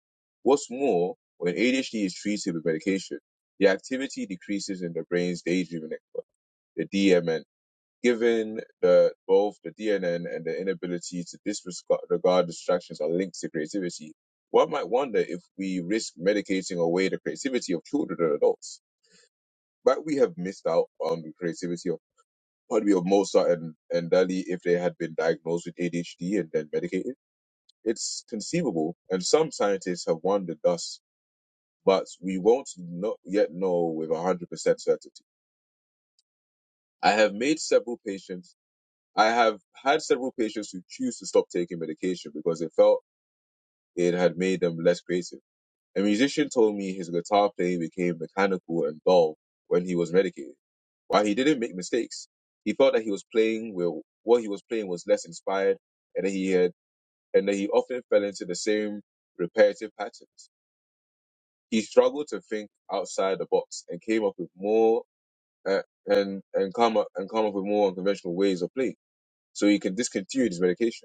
[SPEAKER 1] What's more, when ADHD is treated with medication, the activity decreases in the brain's daydreaming network, the DMN Given that both the DNN and the inability to disregard distractions are linked to creativity, one might wonder if we risk medicating away the creativity of children and adults. Might we have missed out on the creativity of probably of Mozart and, and Dali if they had been diagnosed with ADHD and then medicated? It's conceivable, and some scientists have wondered thus, but we won't not yet know with 100% certainty. I have made several patients I have had several patients who choose to stop taking medication because they felt it had made them less creative. A musician told me his guitar playing became mechanical and dull when he was medicated. While he didn't make mistakes, he felt that he was playing with what he was playing was less inspired and that he had and that he often fell into the same repetitive patterns. He struggled to think outside the box and came up with more uh, and and come up and come up with more unconventional ways of playing. So he can discontinue his medication.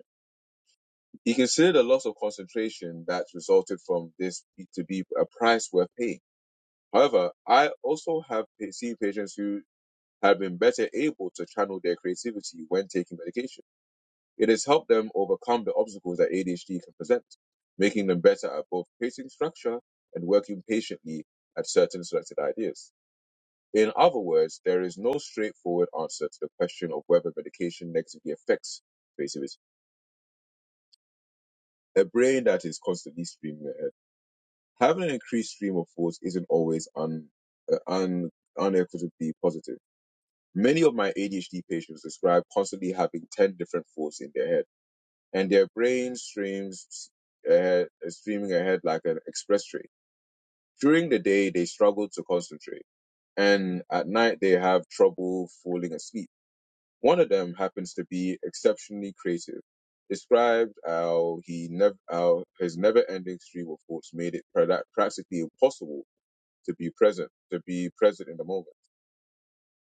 [SPEAKER 1] He considered a loss of concentration that resulted from this to be a price worth paying. However, I also have seen patients who have been better able to channel their creativity when taking medication. It has helped them overcome the obstacles that ADHD can present, making them better at both creating structure and working patiently at certain selected ideas. In other words, there is no straightforward answer to the question of whether medication negatively affects creativity. A brain that is constantly streaming uh, Having an increased stream of thoughts isn't always un, uh, un, unequitably positive. Many of my ADHD patients describe constantly having 10 different thoughts in their head, and their brain streams ahead, streaming ahead like an express train. During the day, they struggle to concentrate, and at night, they have trouble falling asleep. One of them happens to be exceptionally creative. Described how he never, how his never-ending stream of thoughts made it pra- practically impossible to be present, to be present in the moment.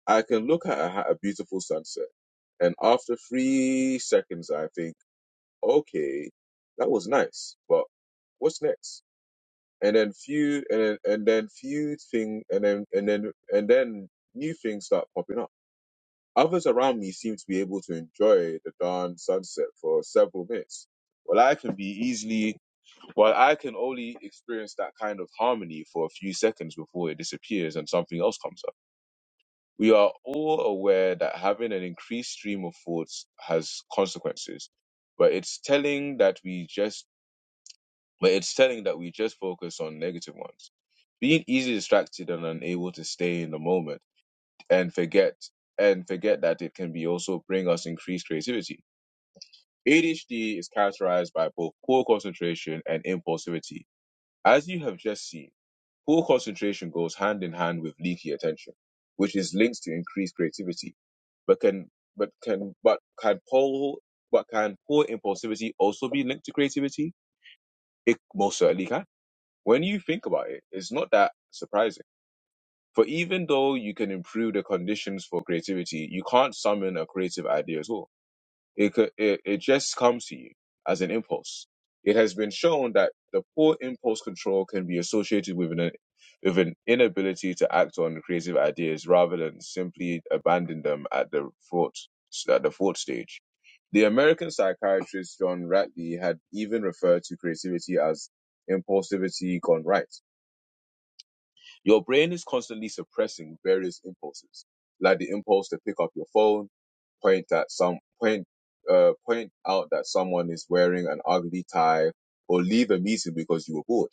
[SPEAKER 1] I can look at a, a beautiful sunset, and after three seconds, I think, okay, that was nice, but what's next? And then few, and then, and then few thing, and then and then and then new things start popping up. Others around me seem to be able to enjoy the dawn sunset for several minutes. Well, I can be easily well, I can only experience that kind of harmony for a few seconds before it disappears and something else comes up. We are all aware that having an increased stream of thoughts has consequences, but it's telling that we just but it's telling that we just focus on negative ones. Being easily distracted and unable to stay in the moment and forget and forget that it can be also bring us increased creativity. ADHD is characterized by both poor concentration and impulsivity. As you have just seen, Poor concentration goes hand in hand with leaky attention, which is linked to increased creativity, but can but can but can poor but can poor impulsivity also be linked to creativity? It most certainly can. When you think about it, it's not that surprising. For even though you can improve the conditions for creativity, you can't summon a creative idea at all it, co- it it just comes to you as an impulse. It has been shown that the poor impulse control can be associated with an with an inability to act on creative ideas rather than simply abandon them at the thought at the thought stage. The American psychiatrist John Ratlie had even referred to creativity as impulsivity gone right. Your brain is constantly suppressing various impulses, like the impulse to pick up your phone point at some point uh, point out that someone is wearing an ugly tie or leave a meeting because you were bored.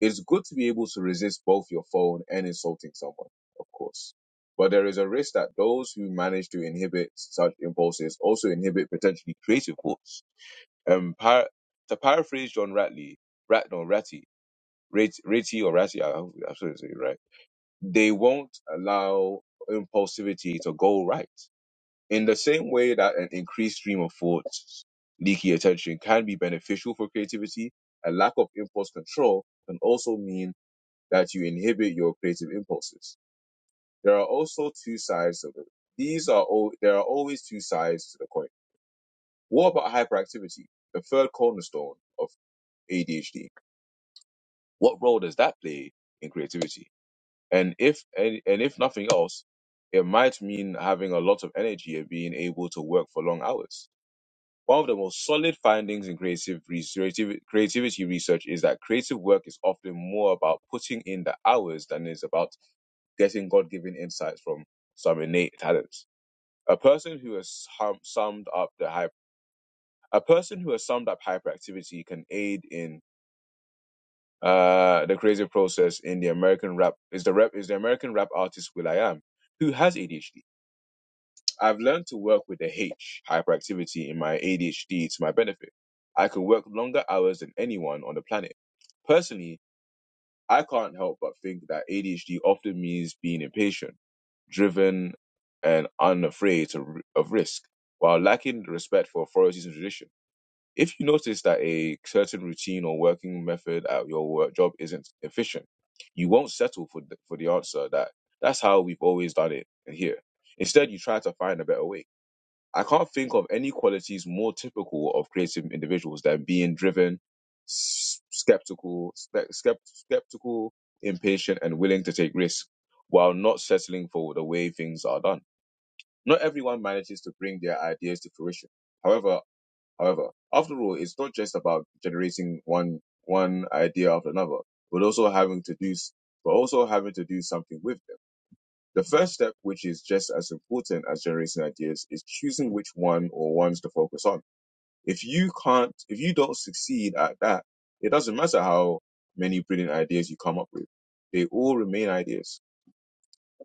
[SPEAKER 1] It's good to be able to resist both your phone and insulting someone, of course. But there is a risk that those who manage to inhibit such impulses also inhibit potentially creative thoughts. Um, par- to paraphrase John Ratley, Rat no Ratty, Rat- Ratty or Ratty, I hope I'm sure it's right. They won't allow impulsivity to go right in the same way that an increased stream of thoughts, leaky attention can be beneficial for creativity, a lack of impulse control can also mean that you inhibit your creative impulses. There are also two sides of it. These are all, there are always two sides to the coin. What about hyperactivity? The third cornerstone of ADHD. What role does that play in creativity? And if, and, and if nothing else, it might mean having a lot of energy and being able to work for long hours One of the most solid findings in creative creativity, creativity research is that creative work is often more about putting in the hours than it is about getting God-given insights from some innate talents. A person who has hum, summed up the hype, a person who has summed up hyperactivity can aid in uh, the creative process in the American rap is the rap is the American rap artist Will I Am, who has ADHD I've learned to work with the H, hyperactivity, in my ADHD to my benefit. I can work longer hours than anyone on the planet. Personally, I can't help but think that ADHD often means being impatient, driven, and unafraid to, of risk, while lacking respect for authorities and tradition. If you notice that a certain routine or working method at your work job isn't efficient, you won't settle for the, for the answer that that's how we've always done it here. Instead, you try to find a better way I can't think of any qualities more typical of creative individuals than being driven, s- skeptical, spe- skept- skeptical, impatient, and willing to take risks while not settling for the way things are done. Not everyone manages to bring their ideas to fruition. However, however, after all, it's not just about generating one one idea after another, but also having to do s- but also having to do something with them. The first step, which is just as important as generating ideas, is choosing which one or ones to focus on. If you can't, if you don't succeed at that, it doesn't matter how many brilliant ideas you come up with. They all remain ideas.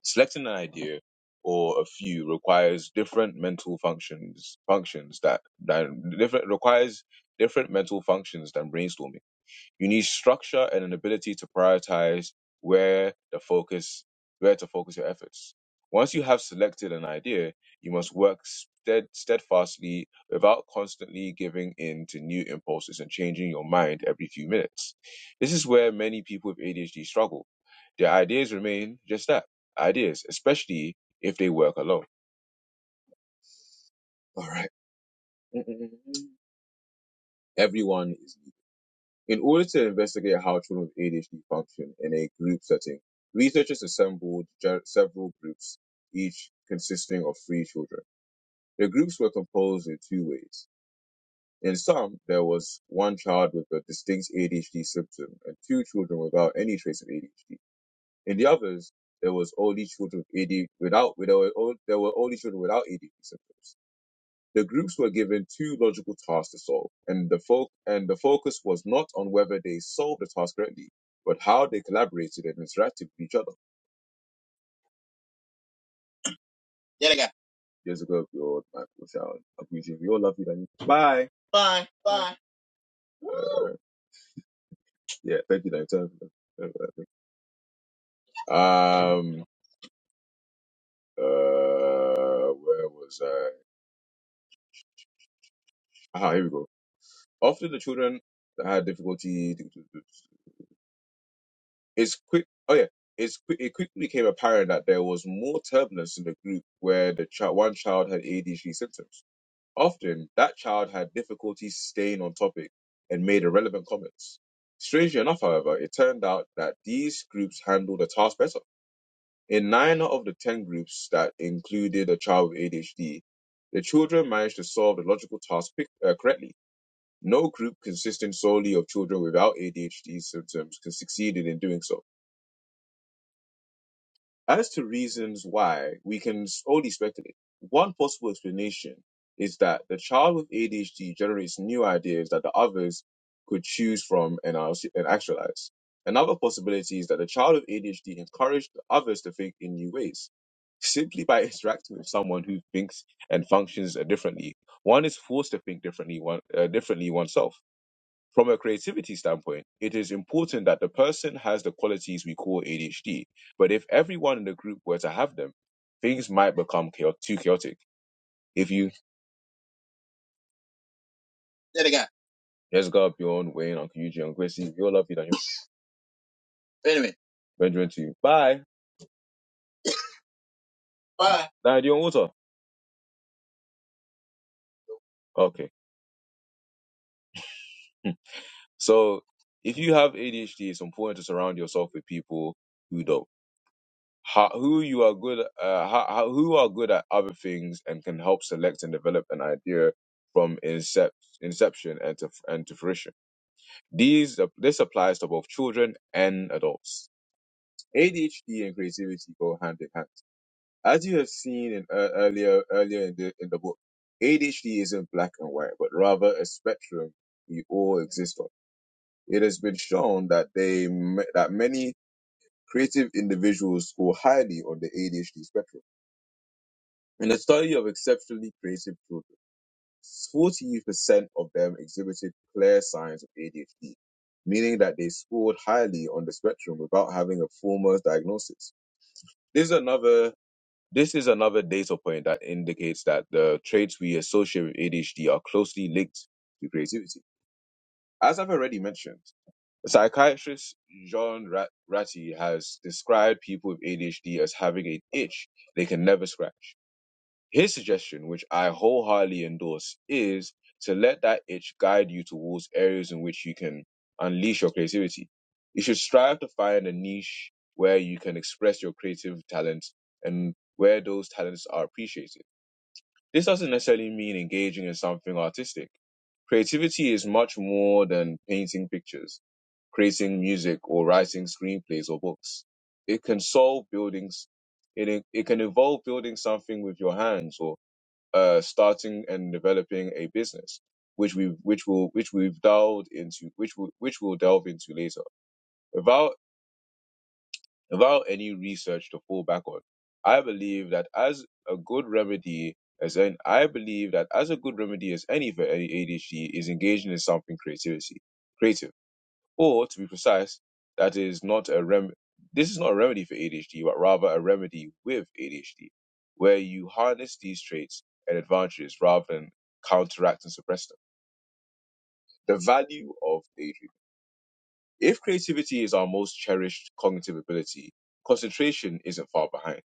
[SPEAKER 1] Selecting an idea or a few requires different mental functions, functions that, that different, requires different mental functions than brainstorming. You need structure and an ability to prioritize where the focus where to focus your efforts. Once you have selected an idea, you must work stead, steadfastly without constantly giving in to new impulses and changing your mind every few minutes. This is where many people with ADHD struggle. Their ideas remain just that, ideas, especially if they work alone. All right. [laughs] Everyone In order to investigate how children with ADHD function in a group setting, researchers assembled ge- several groups, each consisting of three children. The groups were composed in two ways. In some, there was one child with a distinct ADHD symptom and two children without any trace of ADHD. In the others, there was only children with ADHD without, there were, there were only children without ADHD symptoms. The groups were given two logical tasks to solve, and the fo- and the focus was not on whether they solved the task correctly, but how they collaborated and interacted with each other. Yet again. Years ago, your Michael Shout, Abuji, we all love you, Danny. Bye. Bye. Bye. Uh, yeah, thank you, Danny. Turn for that. Um, uh, where was I? Ah, here we go. Often the children that had difficulty. It's quick. Oh yeah, it's quick. It quickly became apparent that there was more turbulence in the group where the child, one child had ADHD symptoms. Often, that child had difficulty staying on topic and made irrelevant comments. Strangely enough, however, it turned out that these groups handled the task better. In nine out of the ten groups that included a child with ADHD, the children managed to solve the logical task pic- uh, correctly. No group consisting solely of children without ADHD symptoms can succeeded in doing so. As to reasons why, we can s- only speculate. One possible explanation is that the child with ADHD generates new ideas that the others could choose from and, are- and actualize. Another possibility is that the child with ADHD encouraged the others to think in new ways simply by [laughs] interacting with someone who thinks and functions differently. One is forced to think differently, one, uh, differently oneself. From a creativity standpoint, it is important that the person has the qualities we call ADHD. But if everyone in the group were to have them, things might become chao- too chaotic. If you Say it again. just go up your own way, and Uncle Eugene, Uncle Gracie, you're lovely, then you Wait a minute. Benjamin to you. Bye. Bye. Now you're on water. Okay. Hmm. So if you have ADHD, it's important to surround yourself with people who don't. how, who you are good uh, how, how, who are good at other things and can help select and develop an idea from incept, inception and to and to fruition. These uh, this applies to both children and adults. ADHD and creativity go hand in hand. As you have seen in uh, earlier earlier in the in the book, ADHD isn't black and white, but rather a spectrum we all exist on. It has been shown that they that many creative individuals score highly on the ADHD spectrum In a study of exceptionally creative children, 40% of them exhibited clear signs of ADHD, meaning that they scored highly on the spectrum without having a formal diagnosis. This is another this is another data point that indicates that the traits we associate with ADHD are closely linked to creativity. As I've already mentioned, psychiatrist John Rat- Ratty has described people with ADHD as having an itch they can never scratch his suggestion, which I wholeheartedly endorse, is to let that itch guide you towards areas in which you can unleash your creativity. You should strive to find a niche where you can express your creative talents and where those talents are appreciated. This doesn't necessarily mean engaging in something artistic. Creativity is much more than painting pictures, creating music, or writing screenplays or books. It can solve buildings, it, it can involve building something with your hands or uh, starting and developing a business, which we which will which we've delved into, which will which we'll delve into later. Without without any research to fall back on, I believe that as a good remedy as an I believe that as a good remedy as any for any ADHD is engaging in something creativity, creative. Or to be precise, that is not a rem. This is not a remedy for ADHD, but rather a remedy with ADHD, where you harness these traits and advantages rather than counteract and suppress them. The value of daydreaming. If creativity is our most cherished cognitive ability, concentration isn't far behind.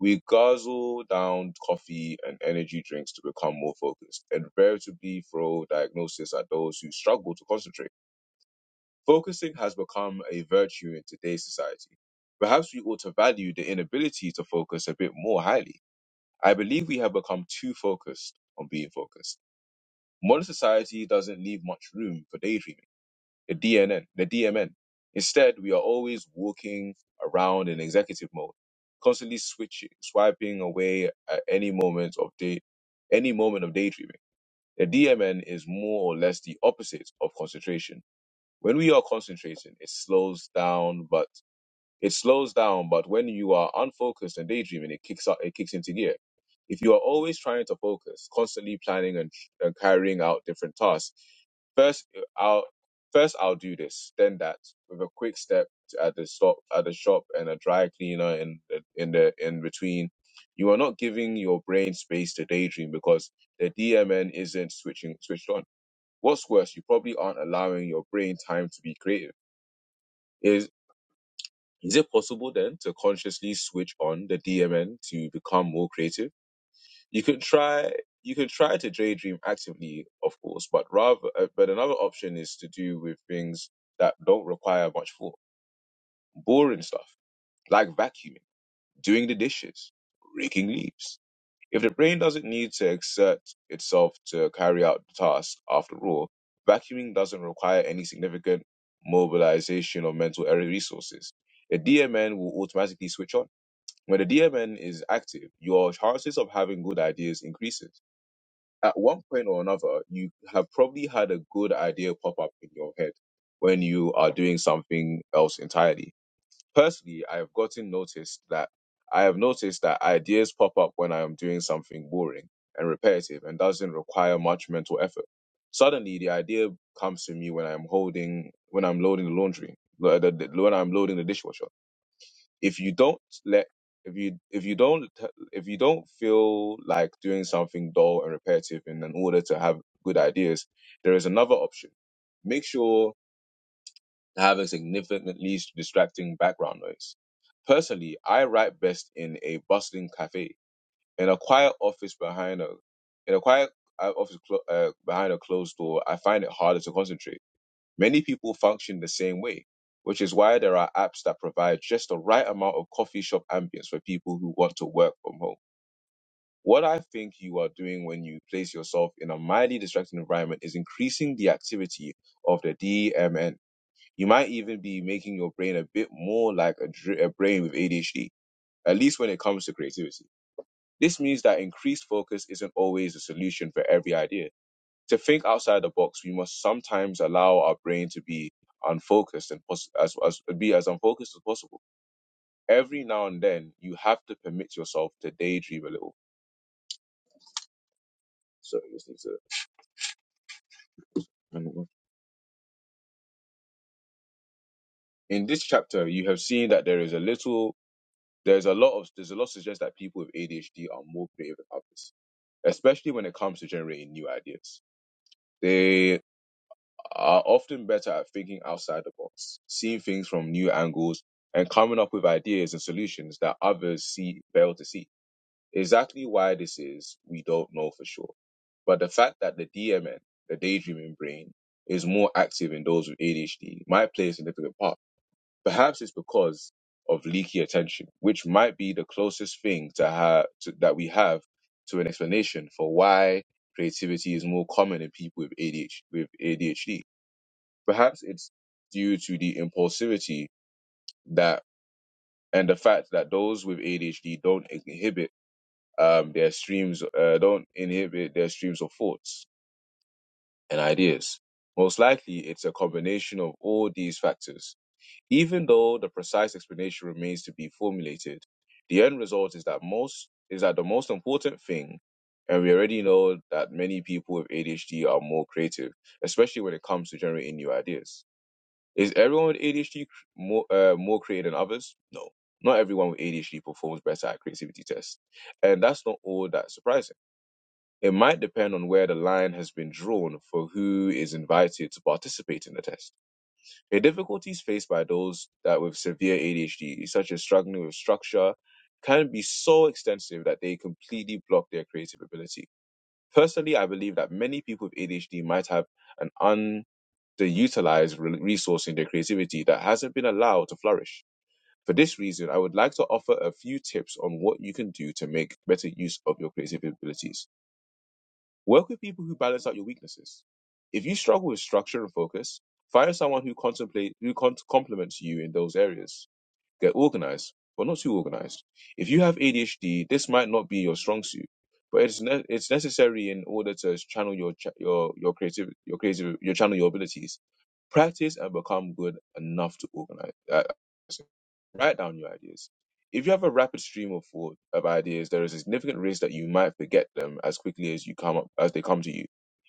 [SPEAKER 1] We guzzle down coffee and energy drinks to become more focused and veritably throw diagnosis at those who struggle to concentrate Focusing has become a virtue in today's society. Perhaps we ought to value the inability to focus a bit more highly. I believe we have become too focused on being focused. Modern society doesn't leave much room for daydreaming, the DNN, the DMN. Instead, we are always walking around in executive mode, constantly switching, swiping away at any moment of day, any moment of daydreaming. The DMN is more or less the opposite of concentration when we are concentrating, it slows down, but it slows down, but when you are unfocused and daydreaming, it kicks up, it kicks into gear. If you are always trying to focus, constantly planning and, and carrying out different tasks, first uh, I'll first I'll do this, then that, with a quick step at the stop at the shop and a dry cleaner in the- in the in between. You are not giving your brain space to daydream because the DMN isn't switching switched on What's worse, you probably aren't allowing your brain time to be creative. Is is it possible then to consciously switch on the DMN to become more creative? You can try you can try to daydream actively, of course, but rather uh, but another option is to do with things that don't require much thought. Boring stuff, like vacuuming, doing the dishes, raking leaves If the brain doesn't need to exert itself to carry out the task, after all, vacuuming doesn't require any significant mobilization of mental area resources. The DMN will automatically switch on. When the DMN is active, your chances of having good ideas increases. At one point or another, you have probably had a good idea pop up in your head when you are doing something else entirely personally, I have gotten noticed that I have noticed that ideas pop up when I am doing something boring and repetitive and doesn't require much mental effort. Suddenly, the idea comes to me when I'm holding, when I'm loading the laundry, lo- the- the- when I'm loading the dishwasher. If you don't let, if you if you don't if you don't feel like doing something dull and repetitive in an order to have good ideas, there is another option. Make sure and having significantly distracting background noise. Personally, I write best in a bustling cafe, in a quiet office behind a, in a quiet uh, office clo- uh, behind a closed door. I find it harder to concentrate. Many people function the same way, which is why there are apps that provide just the right amount of coffee shop ambience for people who want to work from home. What I think you are doing when you place yourself in a mildly distracting environment is increasing the activity of the DMN you might even be making your brain a bit more like a, dr- a brain with ADHD, at least when it comes to creativity. This means that increased focus isn't always a solution for every idea. To think outside the box, we must sometimes allow our brain to be unfocused and pos- as, as be as unfocused as possible. Every now and then, you have to permit yourself to daydream a little. So this needs to. In this chapter, you have seen that there is a little, there's a lot of, there's a lot to suggest that people with ADHD are more creative than others especially when it comes to generating new ideas. They are often better at thinking outside the box, seeing things from new angles, and coming up with ideas and solutions that others see fail to see. Exactly why this is, we don't know for sure. But the fact that the DMN, the daydreaming brain, is more active in those with ADHD might play a significant part Perhaps it's because of leaky attention, which might be the closest thing to have to, that we have to an explanation for why creativity is more common in people with ADHD. With ADHD, perhaps it's due to the impulsivity that and the fact that those with ADHD don't inhibit um, their streams, uh, don't inhibit their streams of thoughts and ideas. Most likely, it's a combination of all these factors Even though the precise explanation remains to be formulated, the end result is that most is that the most important thing, and we already know that many people with ADHD are more creative, especially when it comes to generating new ideas. Is everyone with ADHD cr- more uh, more creative than others? No, not everyone with ADHD performs better at creativity tests, and that's not all that surprising. It might depend on where the line has been drawn for who is invited to participate in the test. The difficulties faced by those that with severe ADHD, such as struggling with structure, can be so extensive that they completely block their creative ability. Personally, I believe that many people with ADHD might have an underutilized re- resource in their creativity that hasn't been allowed to flourish. For this reason, I would like to offer a few tips on what you can do to make better use of your creative abilities. Work with people who balance out your weaknesses. If you struggle with structure and focus, find someone who contemplate who con- complements you in those areas. Get organized, but not too organized. If you have ADHD, this might not be your strong suit, but it's ne- it's necessary in order to channel your ch- your your creative your creative your channel your abilities. Practice and become good enough to organize. Uh, write down your ideas. If you have a rapid stream of thought of ideas, there is a significant risk that you might forget them as quickly as you come up as they come to you.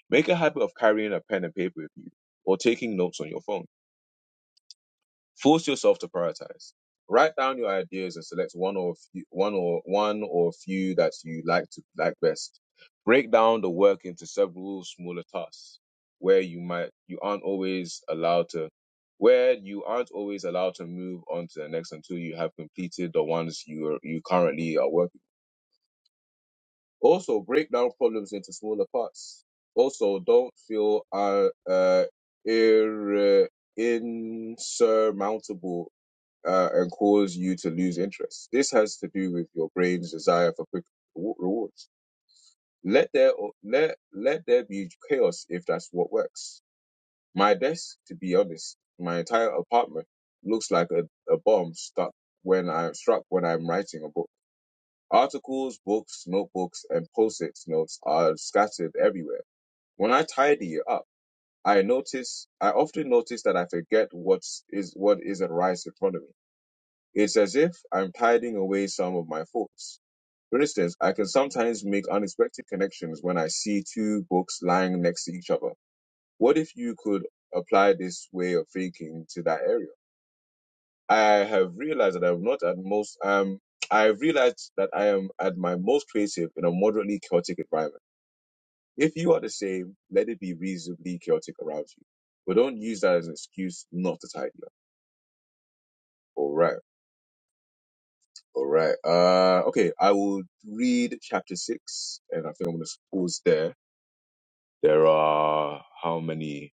[SPEAKER 1] Make a habit of carrying a pen and paper with you, or taking notes on your phone. Force yourself to prioritize. Write down your ideas and select one or a few, one or one or a few that you like to like best. Break down the work into several smaller tasks where you might you aren't always allowed to where you aren't always allowed to move on to the next until you have completed the ones you are, you currently are working. Also, break down problems into smaller parts. Also, don't feel uh, uh ir- insurmountable uh, and cause you to lose interest. This has to do with your brain's desire for quick rewards. Let there let let there be chaos if that's what works. My desk, to be honest, my entire apartment looks like a, a bomb stuck when I'm struck when I'm writing a book. Articles, books, notebooks, and post-its notes are scattered everywhere. When I tidy it up, I notice I often notice that I forget what's what isn't right in front of me. It's as if I'm tiding away some of my thoughts. For instance, I can sometimes make unexpected connections when I see two books lying next to each other. What if you could apply this way of thinking to that area? I have realized that I'm not at most, um, I have realized that I am at my most creative in a moderately chaotic environment. If you are the same, let it be reasonably chaotic around you. But don't use that as an excuse not to tidy up. All right. All right. Uh, okay, I will read chapter six, and I think I'm going to pause there. There are how many?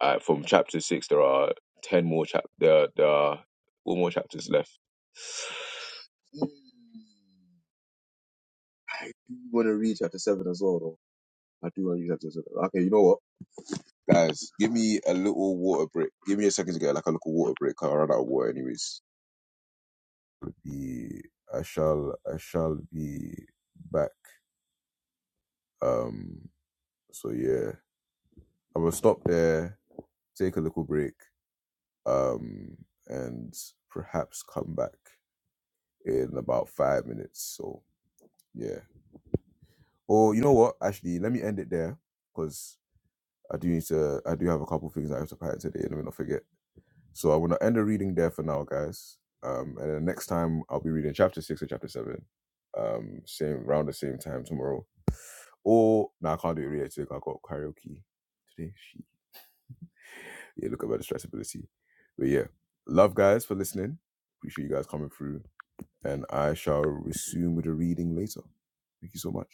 [SPEAKER 1] Uh, from chapter six, there are ten more chap. There, there are four more chapters left. [sighs] Mm, I do want to read chapter seven as well, though. I do want to read chapter seven. Okay, you know what, guys? Give me a little water break. Give me a second to get like a little water break. 'cause I run out of water, anyways. Be I shall I shall be back. Um So yeah, I'm gonna stop there, take a little break, um, and perhaps come back in about five minutes. So yeah. Or you know what? Actually, let me end it there because I do need to. I do have a couple things I have to pack today, and I'm gonna forget. So I'm gonna end the reading there for now, guys. Um, and then next time I'll be reading chapter six or chapter seven. Um, same round the same time tomorrow. Or no, I can't do it really today. 'cause I got karaoke today. Shit. yeah, look about distractibility. But yeah, love guys for listening. Appreciate you guys coming through. And I shall resume with the reading later. Thank you so much.